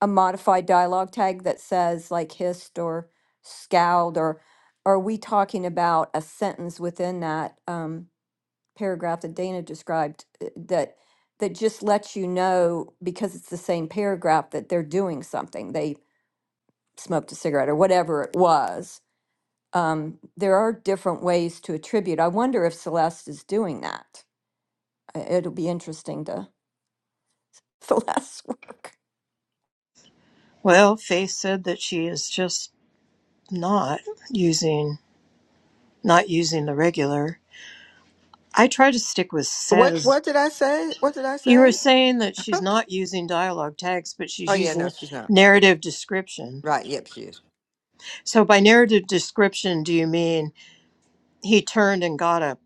A: a modified dialogue tag that says like hissed or scowled or are we talking about a sentence within that um, paragraph that Dana described uh, that that just lets you know because it's the same paragraph that they're doing something they smoked a cigarette or whatever it was um, there are different ways to attribute i wonder if celeste is doing that Uh, it'll be interesting to celeste's work
D: Well, Faith said that she is just not using not using the regular. I try to stick with
G: What
D: says
G: what did I say? What did I
D: You were
G: say?
D: saying that she's not using dialogue tags, but she's
G: Oh yeah, no,
D: using
G: she's not.
D: narrative description.
G: Right, yep, she is.
D: So, by narrative description, do you mean he turned and got a,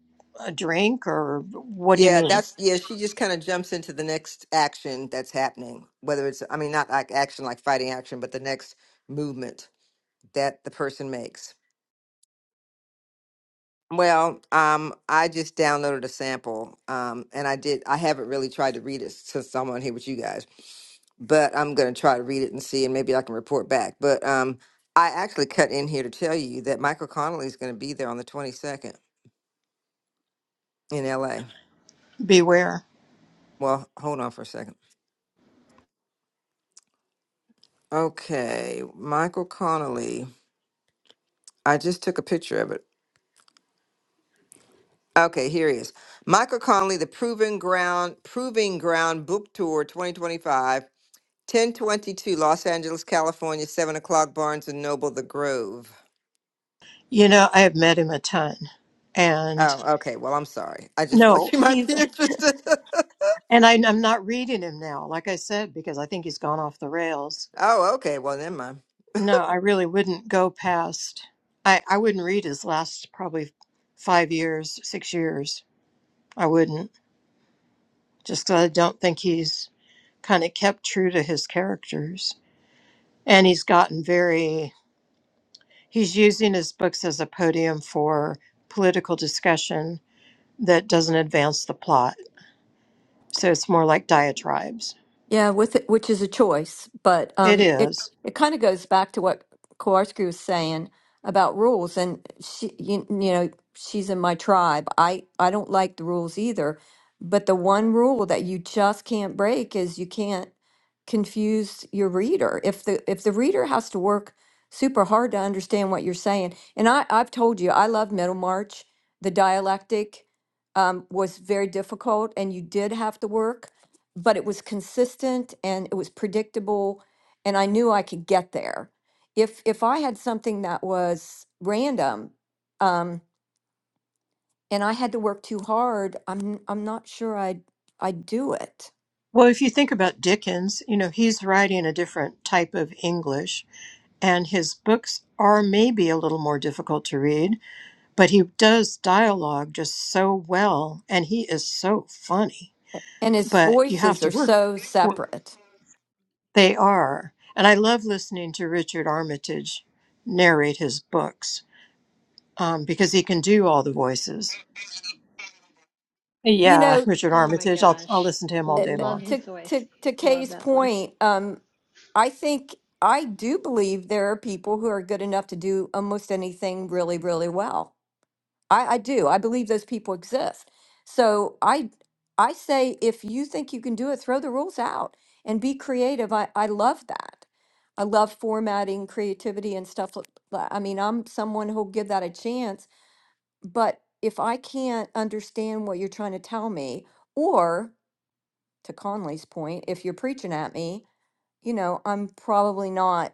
D: a drink, or what do you
G: Yeah,
D: mean?
G: that's yeah, she just kind of jumps into the next action that's happening. Whether it's I mean not like action like fighting action, but the next movement that the person makes. Well, um I just downloaded a sample um and I did I haven't really tried to read it since I'm on here with you guys. but I'm going to try to read it and see, and maybe I can report back. But um, I actually cut in here to tell you that Michael Connolly is going to be there on the 22nd in LA.
D: Beware.
G: Well, hold on for a second. Okay, Michael Connolly. I just took a picture of it. Okay, here he is. Michael Connolly, the Proving Ground Proving Ground Book Tour 2025, 1022 Los Angeles, California, 7 o'clock Barnes& and Noble, The Grove.
D: You know, I have met him a ton. And
G: Oh, okay. Well, I'm sorry. I just thought
D: no,
G: you might
D: he's,
G: be interested.
D: and I, I'm not reading him now, like I said, because I think he's gone off the rails.
G: Oh, okay. Well, never mind.
D: No, I really wouldn't go past, I, I wouldn't read his last probably five years, six years. I wouldn't. Just that I don't think he's kind of kept true to his characters. And he's gotten very, he's using his books as a podium for political discussion that doesn't advance the plot. So it's more like diatribes.
A: Yeah, with it, which is a choice, but
D: It
A: um, it
D: is.
A: it kind of goes back to what Kowarski was saying about rules. And she, you, you know, she's in my tribe. I I don't like the rules either, but the one rule that you just can't break is you can't confuse your reader. If the if the reader has to work super hard to understand what you're saying, and I I've told you I love Middlemarch. The dialectic um, was very difficult, and you did have to work but it was consistent and it was predictable and I knew I could get there. If if I had something that was random um and I had to work too hard, I'm I'm not sure I'd I'd do it.
D: Well, if you think about Dickens, you know, he's writing a different type of English, and his books are maybe a little more difficult to read, but he does dialogue just so well, and he is so funny.
A: And his
D: But you have
A: voices
D: to
A: are
D: work.
A: so separate.
D: They are. And I love listening to Richard Armitage narrate his books um, because he can do all the voices.
A: You
D: Yeah,
A: know,
D: Richard
E: Oh my
D: Armitage. I'll, I'll
E: gosh.
D: listen to him all
A: uh,
D: day
A: uh,
E: Love
D: long.
A: to
E: his voice.
A: to to
E: Love
A: Kay's
E: that voice.
A: point, um, I think I do believe there are people who are good enough to do almost anything really, really well. I, I do. I believe those people exist. So I I say if you think you can do it, throw the rules out and be creative. I, I love that. I love formatting, creativity, and stuff. like that. I mean, I'm someone who'll give that a chance. But if I can't understand what you're trying to tell me, to Conley's point, if you're preaching at me, you know, I'm probably not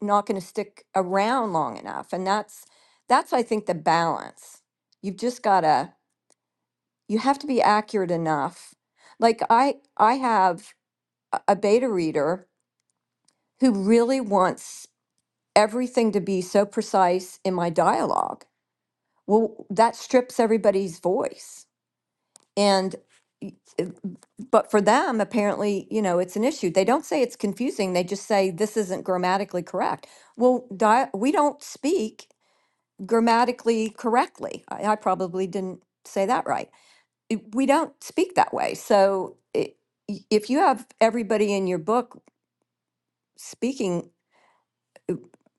A: not going to stick around long enough. And that's that's I think the balance. You've just got to you have to be accurate enough. Like I I have a a beta reader who really wants everything to be so precise in my dialogue. Well, that strips everybody's voice. And But for them, apparently, you know, it's an issue. They don't say it's confusing. They just say this isn't grammatically correct. Well, di- we don't speak grammatically correctly. I, I probably didn't say that right. It- We don't speak that way. So i- i- if you have everybody in your book speaking uh,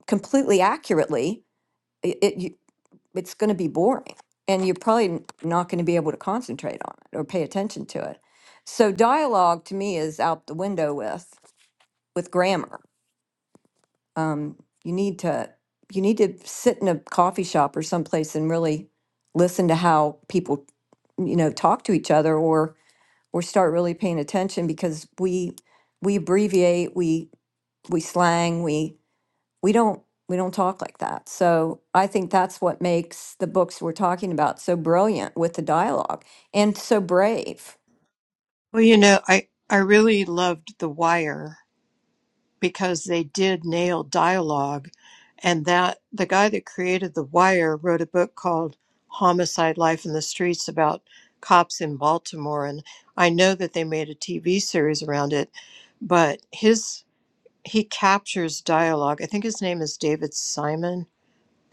A: completely accurately, it, it you, it's going to be boring, and you're probably n- not going to be able to concentrate on it or pay attention to it. So dialogue to me is out the window with. with grammar. Um, you need to you need to sit in a coffee shop or someplace and really listen to how people you know talk to each other or or start really paying attention because we we abbreviate we we slang we we don't we don't talk like that so i think that's what makes the books we're talking about so brilliant with the dialogue and so brave
D: Well, you know, I, I really loved The Wire because they did nail dialogue. And that the guy that created The Wire wrote a book called Homicide Life in the Streets about cops in Baltimore. And I know that they made a TV series around it, but his he captures dialogue. I think his name is David Simon.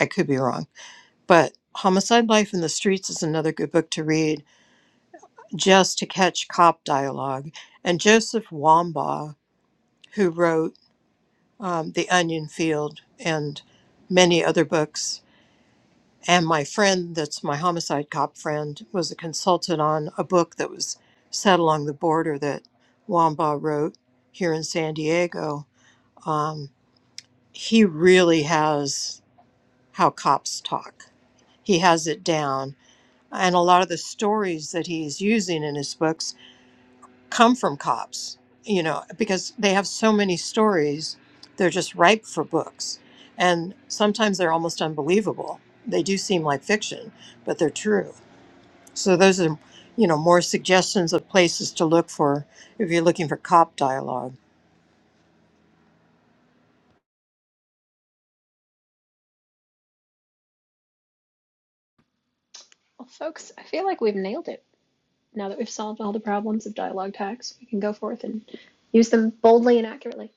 D: I could be wrong, but Homicide Life in the Streets is another good book to read just to catch cop dialogue. And Joseph Wambaugh, who wrote um, The Onion Field and many other books, and my friend that's my homicide cop friend was a consultant on a book that was set along the border that Wambaugh wrote here in San Diego. Um, he really has how cops talk. He has it down. And a lot of the stories that he's using in his books come from cops, you know, because they have so many stories, they're just ripe for books. And sometimes they're almost unbelievable. They do seem like fiction, but they're true. So those are, you know, more suggestions of places to look for if you're looking for cop dialogue.
E: Well, folks, I feel like we've nailed it. Now that we've solved all the problems of dialogue tags, we can go forth and use them boldly and accurately.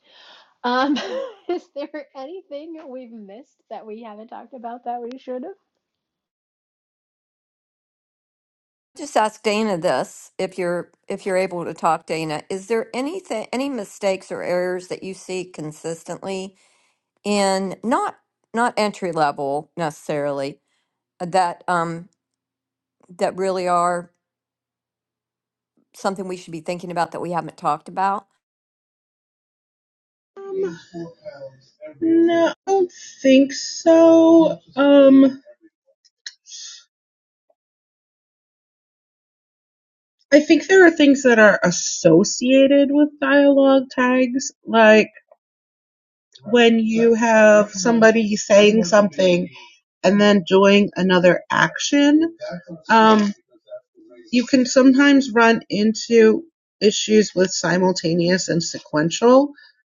E: Um, is there anything we've missed that we haven't talked about that we should have?
A: Just ask Dana this, if you're if you're able to talk, Dana. Is there anything, any mistakes or errors that you see consistently in not not entry level necessarily that um that really are something we should be thinking about that we haven't talked about?
F: No, I don't think so. Um, I think there are things that are associated with dialogue tags, like when you have somebody saying something and then doing another action. You can sometimes run into issues with simultaneous and sequential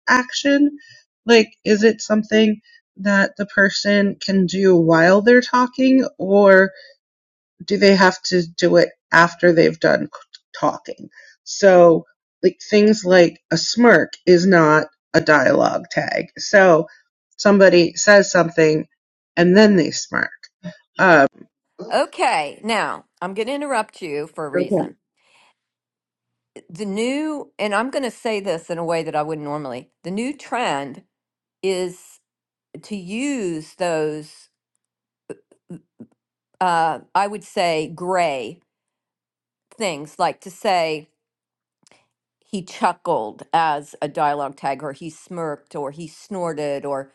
F: action. Like, is it something that the person can do while they're talking, or do they have to do it after they've done talking? So, like, things like a smirk is not a dialogue tag. So, somebody says something and then they smirk. Um,
A: Okay, now I'm going to interrupt you for a
F: okay.
A: reason. The new, and I'm going to say this in a way that I wouldn't normally. The new trend is to use those uh, I would say gray things like to say he chuckled as a dialogue tag or he smirked or he snorted or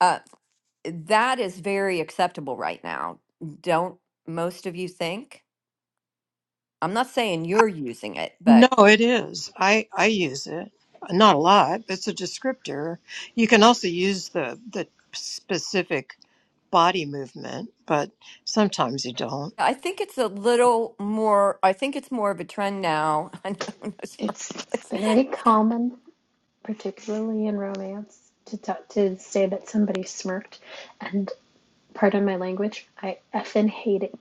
A: uh, that is very acceptable right now don't most of you think i'm not saying you're using it
D: No,
A: but
D: it is. I, I use it. Not a lot. but It's a descriptor. You can also use the, the specific body movement, but sometimes you don't.
A: i think it's a little more i think it's more of a trend now i know no
E: It's
A: marketplace
E: very common, particularly in romance, to talk, to say that somebody smirked. And pardon my language, I effing hate it.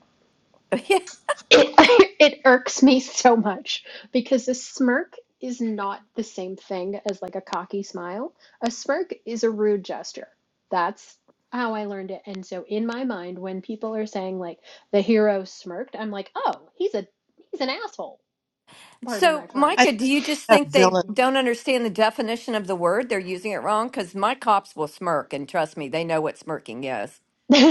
A: yeah
E: it, it irks me so much because a smirk is not the same thing as like a cocky smile. A smirk is a rude gesture. That's how I learned it. And so in my mind, when people are saying like the hero smirked, I'm like, oh, he's a he's an asshole. Pardon
A: so
E: my
D: I
A: micah
E: French.
D: think
A: do you just
D: I have
A: think they
D: villain
A: don't understand the definition of the word they're using it wrong because my cops will smirk and trust me they know what smirking is
E: yeah.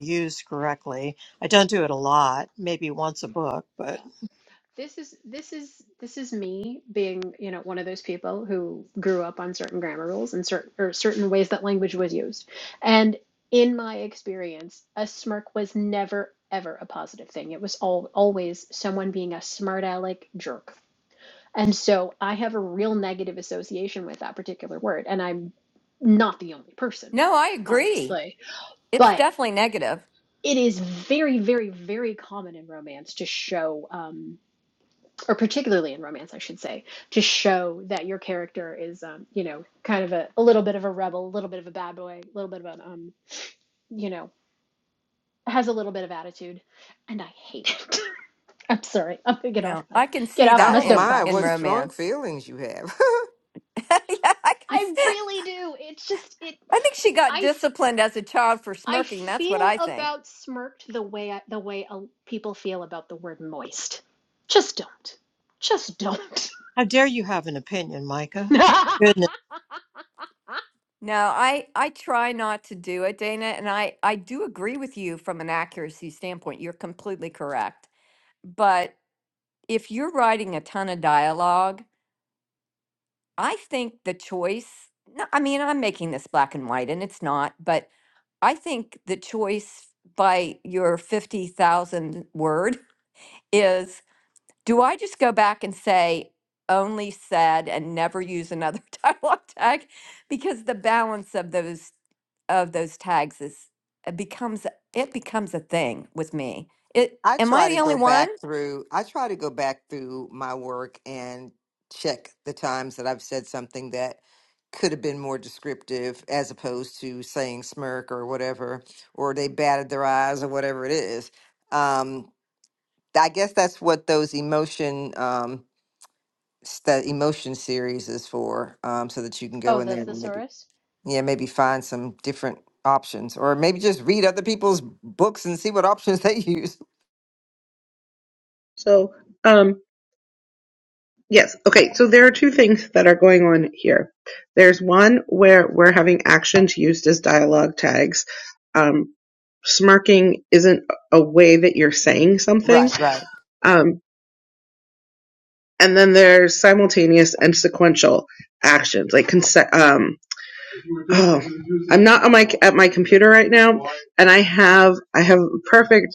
D: used correctly. I don't do it a lot, maybe once a book, but
E: This is this is this is me being, you know, one of those people who grew up on certain grammar rules and certain or certain ways that language was used. And in my experience, a smirk was never ever a positive thing. It was all always someone being a smart aleck jerk. And so I have a real negative association with that particular word, and I'm not the only person,
A: No, I agree.
E: obviously.
A: It's
E: But
A: definitely negative.
E: it is very, very, very common in romance to show. Um, or particularly in romance, I should say, to show that your character is, um, you know, kind of a, a little bit of a rebel, a little bit of a bad boy, a little bit of an, um, you know, has a little bit of attitude, and I hate it. I'm sorry, I'm gonna get off
A: No,
E: my
A: I can
E: get
A: see
E: off
A: that
E: my
G: Oh
A: in
G: my,
A: in
E: soapbox.
G: what strong
A: romance.
G: feelings you have.
A: yeah, I can. s-
E: I really do. It's just it.
A: I think she got
E: I
A: disciplined as a child for
E: I
A: smirking. That's what
E: feel
A: I think.
E: about smirked the way I, the way uh, people feel about the word moist. Just don't. Just don't.
D: how dare you have an opinion, Micah? Goodness.
A: No, I I try not to do it, Dana, and I I do agree with you from an accuracy standpoint. You're completely correct. But if you're writing a ton of dialogue, I think the choice. No, I mean I'm making this black and white, and it's not, but I think the choice by your 50,000 word is do I just go back and say only said and never use another dialogue tag? Because the balance of those of those tags is it becomes it becomes a thing with me. It
G: I
A: am I
G: try to
A: the only
G: go
A: one?
G: back through I try to go back through my work and check the times that I've said something that could have been more descriptive as opposed to saying smirk or whatever, or they batted their eyes or whatever it is. Um, I guess that's what those emotion um s- the emotion series is for, um, so that you can
E: oh,
G: go in
E: the
G: there and maybe
E: thesaurus.
G: yeah, maybe find some different options or maybe just read other people's books and see what options they use.
F: So, um. Yes. Okay. So there are two things that are going on here. There's one where we're having actions used as dialogue tags. Um, smirking isn't a way that you're saying something.
G: Right, right.
F: Um, and then there's simultaneous and sequential actions, like conse- um, oh, I'm not on my at my computer right now, and I have I have a perfect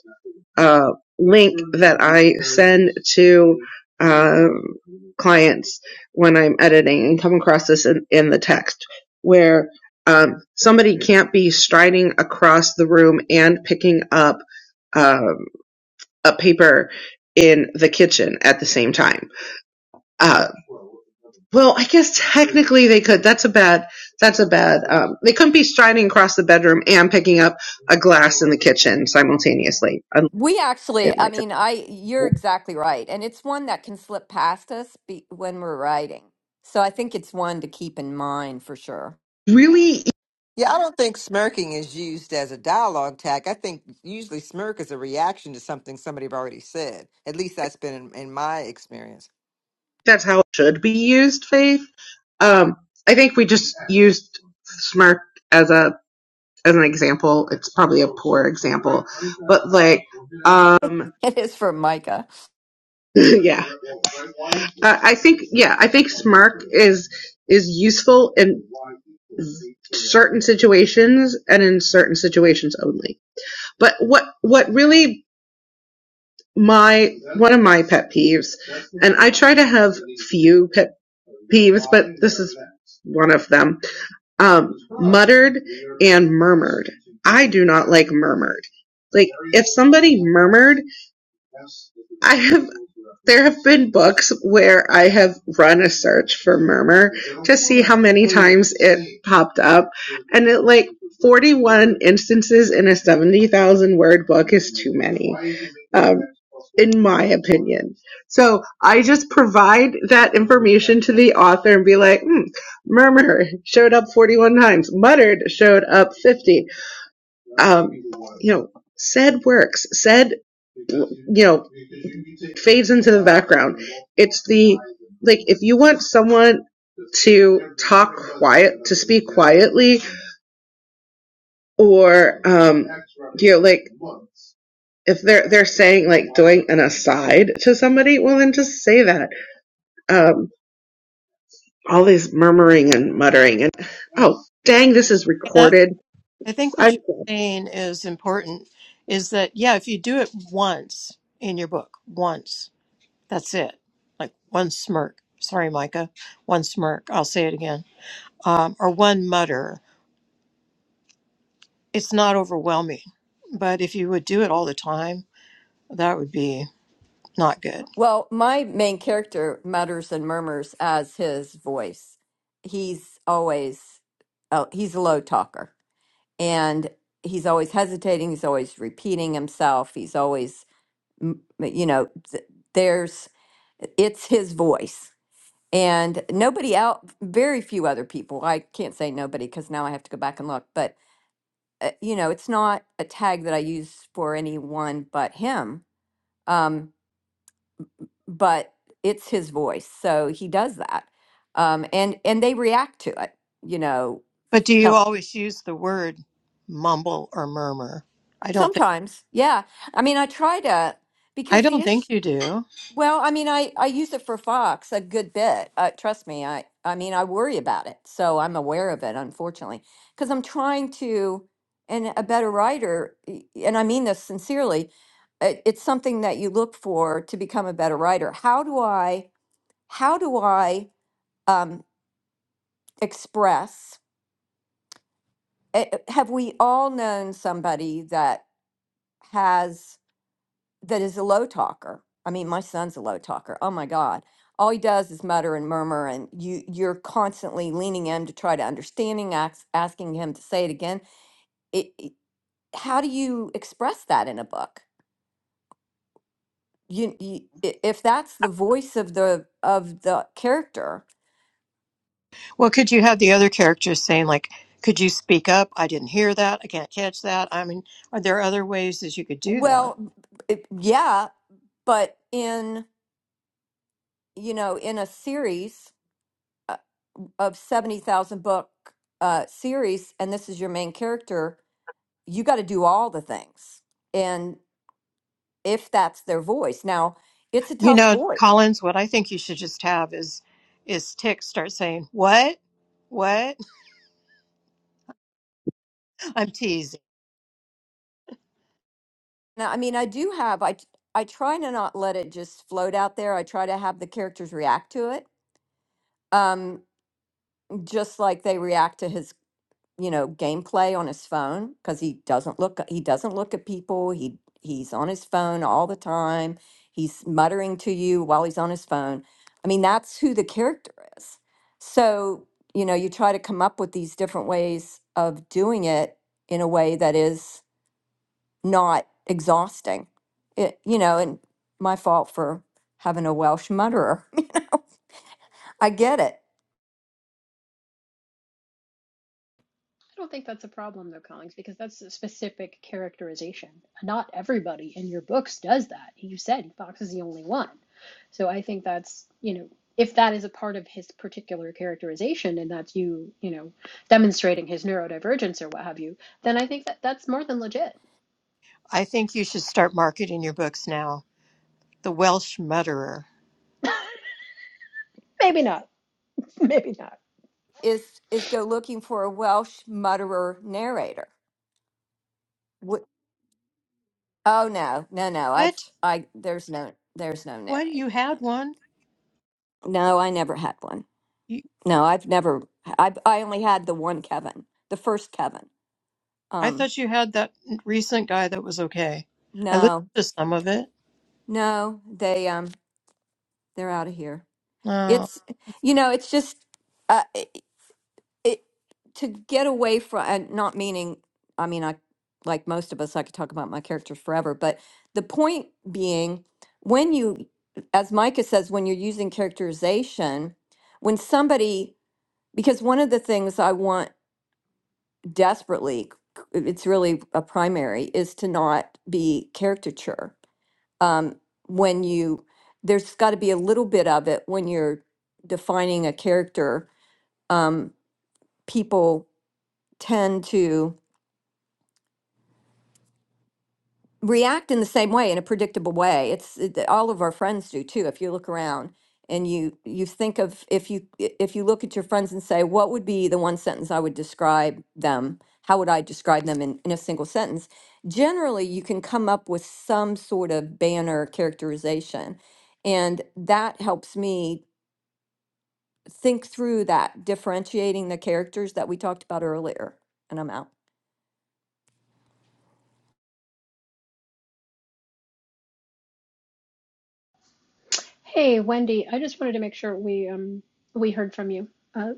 F: uh, link that I send to uh, clients when I'm editing and come across this in, in the text where um, somebody can't be striding across the room and picking up um, a paper in the kitchen at the same time. Uh, well, I guess technically they could. That's a bad. That's a bad. Um, they couldn't be striding across the bedroom and picking up a glass in the kitchen simultaneously. I
A: We actually,
F: don't
A: I
F: like it.
A: mean, I you're exactly right. And it's one that can slip past us be, when we're writing. So I think it's one to keep in mind for sure.
F: Really
G: Yeah, I don't think smirking is used as a dialogue tack. I think usually smirk is a reaction to something somebody have already said. At least that's been in, in my experience.
F: that's how it should be used, Faith. Um, I think we just used smart as a as an example. It's probably a poor example, but like, um,
A: It is for Micah.
F: yeah, uh, I think yeah, I think smart is is useful in certain situations and in certain situations only. But what what really my one of my pet peeves, and I try to have few pet peeves, but this is one of them um, muttered and murmured. I do not like murmured. Like if somebody murmured, I have there have been books where I have run a search for murmur to see how many times it popped up, and it like 41 instances in a 70,000 word book is too many, um, in my opinion. So I just provide that information to the author and be like, hmm, murmur showed up 41 times, muttered showed up 50. Um, you know, said works, said, you know, fades into the background. It's the, like, if you want someone to talk quiet, to speak quietly, or um, you know, like if they're they're saying like doing an aside to somebody, well then just say that. Um, all these murmuring and muttering and oh dang, this is recorded.
D: I think what you're
F: I'm
D: saying is important is that, yeah, if you do it once in your book, once, that's it. Like one smirk. Sorry, Micah. One smirk. I'll say it again. Um, or one mutter. It's not overwhelming. But if you would do it all the time, that would be not good.
A: Well, my main character mutters and murmurs as his voice. He's always oh, he's a low talker and he's always hesitating, he's always repeating himself, he's always m- you know th- there's it's his voice and nobody out very few other people i can't say nobody because now i have to go back and look but uh, you know it's not a tag that i use for anyone but him um, but it's his voice so he does that um, and and they react to it you know
D: But do you
A: Yep.
D: always use the word mumble or murmur? I don't think
A: sometimes yeah i mean i try to
D: I
A: because the
D: don't
A: issue
D: think you do.
A: Well, I mean, I I use it for Fox a good bit. Uh, trust me, I I mean, I worry about it, so I'm aware of it, unfortunately, because I'm trying to, and a better writer, y- and I mean this sincerely, it, it's something that you look for to become a better writer. How do I? How do I um, express? eh, eh, Have we all known somebody that has? that is a low talker. I mean, my son's a low talker. Oh my God. All he does is mutter and murmur, and you you're constantly leaning him to try to understanding, ax- asking him to say it again. It, it- how do you express that in a book? You, you i- if that's the voice of the of the character,
D: Well, could you have the other characters saying, like, could you speak up? I didn't hear that. I can't catch that. I mean, are there other ways that you could do that?
A: well, it, yeah, but in you know in a series uh, of seventy thousand book uh, series, and this is your main character, you got to do all the things. And if that's their voice, now it's a
D: You
A: tough
D: know,
A: voice.
D: Collins, what I think you should just have is is Tick start saying, What? What? I'm teasing.
A: Now, I mean, I do have, I, t- I try to not let it just float out there. I try to have the characters react to it, um, just like they react to his you know, gameplay on his phone because he doesn't look he doesn't look at people. He he's on his phone all the time. He's muttering to you while he's on his phone. I mean, that's who the character is. So, you know, you try to come up with these different ways of doing it in a way that is not exhausting. It, you know, and my fault for having a Welsh mutterer. I get it.
E: I don't think that's a problem though, Collings, because that's a specific characterization. Not everybody in your books does that. You said Fox is the only one. So I think that's, you know, if that is a part of his particular characterization and that's you, you know, demonstrating his neurodivergence or what have you, then I think that that's more than legit.
D: I think you should start marketing your books now. The Welsh Mutterer.
E: Maybe not. Maybe not.
A: Is is go looking for a Welsh mutterer narrator Wh- Oh no, no, no. I've
D: What?
A: I there's no there's no
D: What? You
A: narrator. No,
D: had one?
A: no. No, I never had one.
D: You,
A: No, I've never I I only had the one Kevin, the first Kevin.
D: I
A: Um
D: thought you had that recent guy that was okay. I listened
A: no.
D: to some of it.
A: No, they um they're out of here.
D: Oh,
A: It's you know, it's just uh, it to get away from and not meaning i mean i like most of us i could talk about my characters forever but the point being when you as micah says when you're using characterization when somebody because one of the things i want desperately c- it's really a primary is to not be caricature um, when you there's got to be a little bit of it when you're defining a character um, people tend to react in the same way in a predictable way it's it, all of our friends do too if you look around and you you think of if you if you look at your friends and say what would be the one sentence i would describe them how would i describe them in, in a single sentence generally you can come up with some sort of banner characterization and that helps me think through that differentiating the characters that we talked about earlier and i'm out
E: Hey, Wendy, I just wanted to make sure we um we heard from you. Uh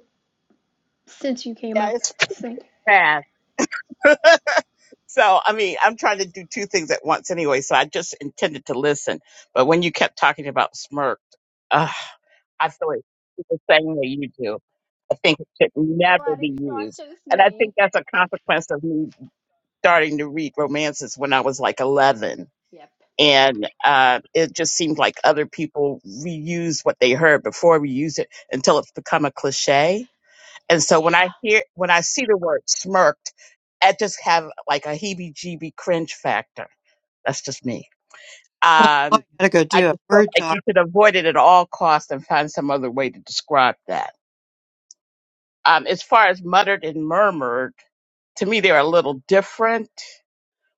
E: since you came
H: Yeah,
E: up.
H: it's
E: Thank you.
H: fast. So, I mean, I'm trying to do two things at once anyway. So I just intended to listen. But when you kept talking about smirked, uh, I feel like the same way you do. I think it should never
E: Glad
H: be
E: it's not
H: used.
E: just
H: And I think
E: me.
H: that's a consequence of me starting to read romances when I was like 11.
E: Yep.
H: And uh, it just seemed like other people reuse what they heard before we use it until it's become a cliche. And
E: Yeah.
H: so when I hear, when I see the word smirked, I just have like a heebie-jeebie cringe factor. That's just me.
D: well, now I
H: Um,
D: gotta go
H: I
D: do a
H: just feel
D: word
H: like
D: doc.
H: you should avoid it at all costs and find some other way to describe that. Um, as far as muttered and murmured, to me they're a little different.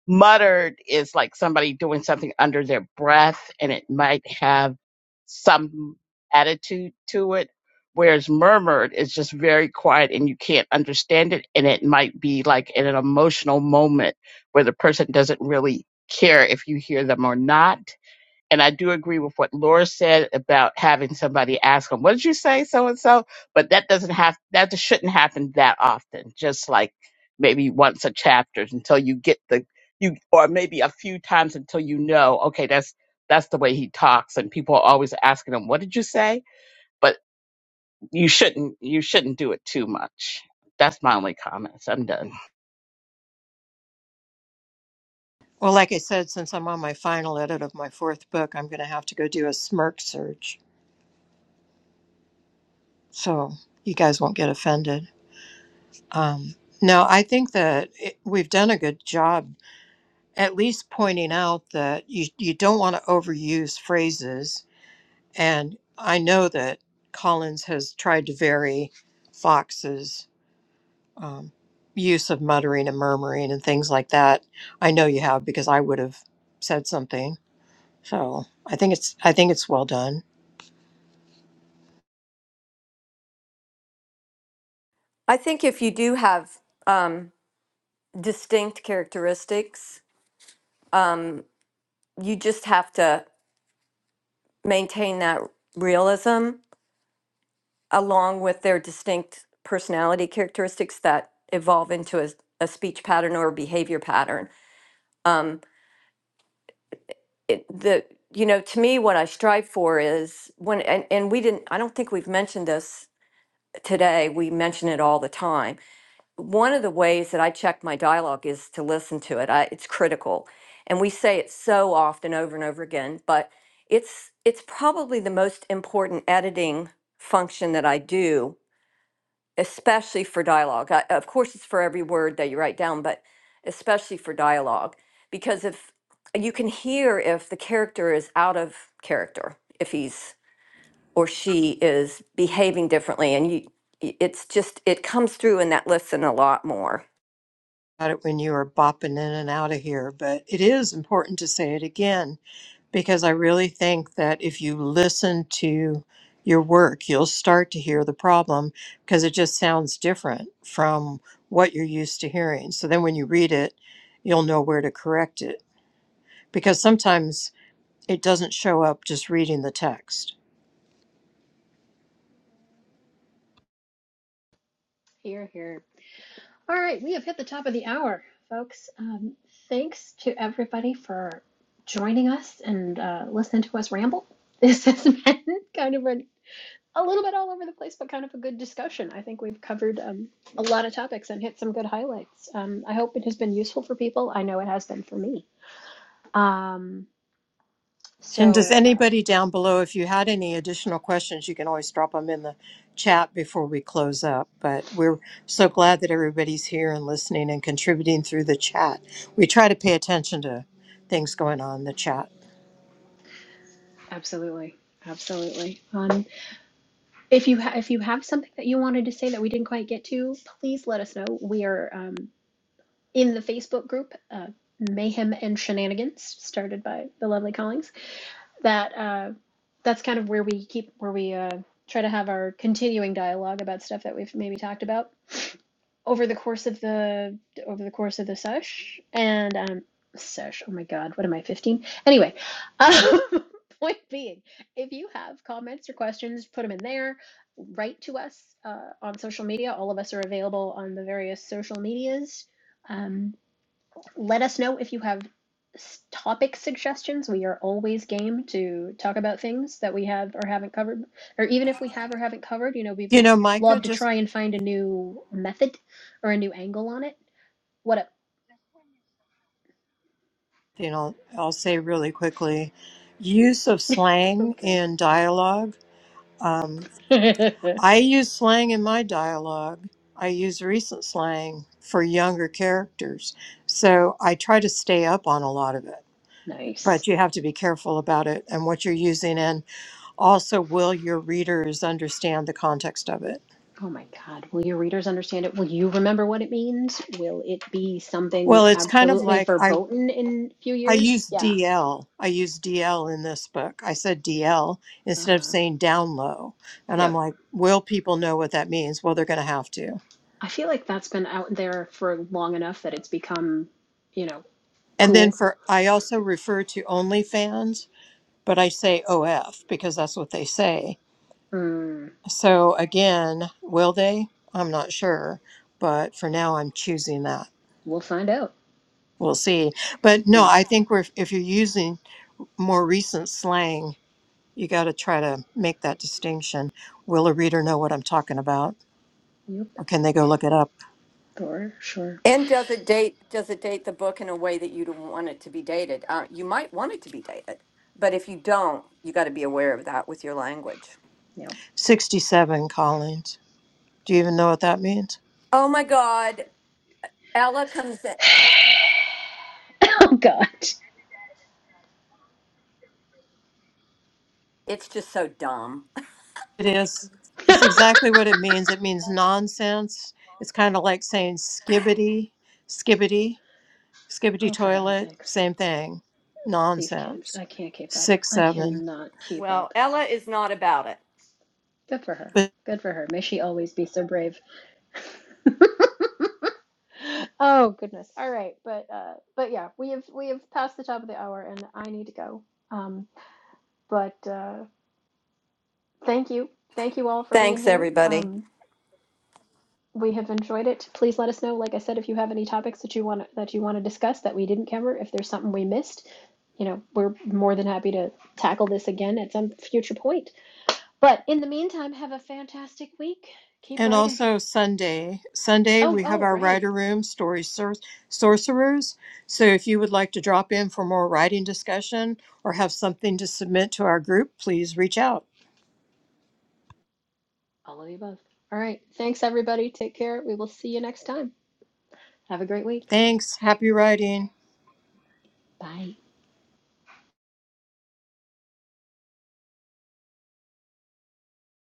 H: Muttered is like somebody doing something under their breath and it might have some attitude to it. Whereas murmured is just very quiet and you can't understand it. And it might be like in an emotional moment where the person doesn't really care if you hear them or not and I do agree with what Laura said about having somebody ask them, what did you say, so and so? But that doesn't have, that just shouldn't happen that often, just like maybe once a chapter until you get the, you, or maybe a few times until you know, okay, that's, that's the way he talks. And people are always asking him, what did you say? But you shouldn't, you shouldn't do it too much. That's my only comments. I'm done.
D: Well, like I said, since I'm on my final edit of my fourth book, I'm going to have to go do a smirk search. So you guys won't get offended. Um, no, I think that it, we've done a good job at least pointing out that you, you don't want to overuse phrases. And I know that Collins has tried to vary Fox's um, use of muttering and murmuring and things like that. I know you have because I would have said something. So I think it's I think it's well done.
A: i think if you do have um, distinct characteristics um, you just have to maintain that realism along with their distinct personality characteristics that evolve into a, a speech pattern or a behavior pattern. It, the you know to me what I strive for is when and, and we didn't I don't think we've mentioned this today we mention it all the time one of the ways that I check my dialogue is to listen to it. I, it's critical, and we say it so often, over and over again. But it's it's probably the most important editing function that I do, especially for dialogue. I, of course, it's for every word that you write down, but especially for dialogue, because if you can hear if the character is out of character, if he's or she is behaving differently, and you, it's just it comes through in that listen a lot more.
D: about it when you were bopping in and out of here, but it is important to say it again because I really think that if you listen to your work, you'll start to hear the problem because it just sounds different from what you're used to hearing. So then when you read it, you'll know where to correct it because sometimes it doesn't show up just reading the text.
E: Here, here. All right, we have hit the top of the hour, folks. Um, thanks to everybody for joining us and uh, listening to us ramble. This has been kind of an, a little bit all over the place, but kind of a good discussion. I think we've covered um, a lot of topics and hit some good highlights. Um, I hope it has been useful for people. I know it has been for me. Um,
D: And does
E: so, uh,
D: anybody down below, if you had any additional questions, you can always drop them in the chat before we close up. But we're so glad that everybody's here and listening and contributing through the chat. We try to pay attention to things going on in the chat.
E: absolutely. Absolutely. Um, if you ha- if you have something that you wanted to say that we didn't quite get to, please let us know. We are. um, in the Facebook group, uh, Mayhem and Shenanigans, started by the lovely Collings. That uh, that's kind of where we keep where we uh, try to have our continuing dialogue about stuff that we've maybe talked about over the course of the over the course of the sesh and um, sesh. Oh my God, what am I fifteen? Anyway, um, point being, if you have comments or questions, put them in there. Write to us uh, on social media. All of us are available on the various social medias. Um, let us know if you have topic suggestions. We are always game to talk about things that we have or haven't covered, or even if we have or haven't covered. You know, we
D: You
E: will
D: know, Micah,
E: love to
D: just,
E: try and find a new method or a new angle on it. What up?
D: you know, I'll say really quickly use of slang
E: Okay.
D: in dialogue. Um, I use slang in my dialogue, I use recent slang for younger characters. So I try to stay up on a lot of it
E: nice.
D: but you have to be careful about it and what you're using and also will your readers understand the context of it
E: Oh my God. Will your readers understand it? Will you remember what it means? Will it be something
D: well it's kind of
E: absolutely
D: like i
E: verboten in a few
D: i
E: years?
D: use
E: Yeah.
D: dl i use dl in this book i said dl
E: Uh
D: instead of
E: huh.
D: saying down low and i'm
E: Yep.
D: like will people know what that means well they're going to have to
E: I feel like that's been out there for long enough that it's become, you know.
D: and then
E: Cool.
D: for i also refer to onlyfans but i say of because that's what they say
E: Mm,
D: so again will they i'm not sure but for now i'm choosing that
E: we'll find out.
D: We'll see. But no,
E: Yeah.
D: I think we're, if you're using more recent slang, you got to try to make that distinction. Will a reader know what I'm talking about?
E: Yep.
D: Or can they go look it up?
E: For sure.
A: And does it date does it date the book in a way that you don't want it to be dated? Uh, you might want it to be dated, but if you don't, you got to be aware of that with your language.
E: Yep.
D: 67 Collins. Do you even know what that means?
A: Oh my God, Ella comes in.
E: oh God.
A: It's just so dumb.
D: It is. It's
E: oh,
D: exactly what it means. It means nonsense. It's kind of like saying skibbity, skibbity. Skibbity
E: for heaven's
D: toilet,
E: sakes.
D: same thing.
E: These kids.
D: Nonsense.
E: I can't keep up.
D: Six,
E: I
D: seven.
E: cannot keep
A: Well,
E: up.
A: Ella is not about it.
E: Good for her.
D: But
E: Good for her. May she always be so brave. oh goodness. All right. But uh but yeah, we have we have passed the top of the hour and I need to go. Um but uh thank you. Thank you all for being
A: Thanks,
E: here.
A: everybody.
E: Um We have enjoyed it. Please let us know, like I said, if you have any topics that you want that you want to discuss that we didn't cover, if there's something we missed, you know, we're more than happy to tackle this again at some future point. But in the meantime, have a fantastic week. Keep
D: and
E: writing.
D: also Sunday. Sunday
E: Oh,
D: we have
E: oh,
D: our
E: right.
D: writer room story sor- sorcerers. So if you would like to drop in for more writing discussion or have something to submit to our group, please reach out.
E: All of the above. All right. Thanks everybody. Take care. We will see you next time. Have a great week.
D: Thanks. Happy writing.
E: Bye.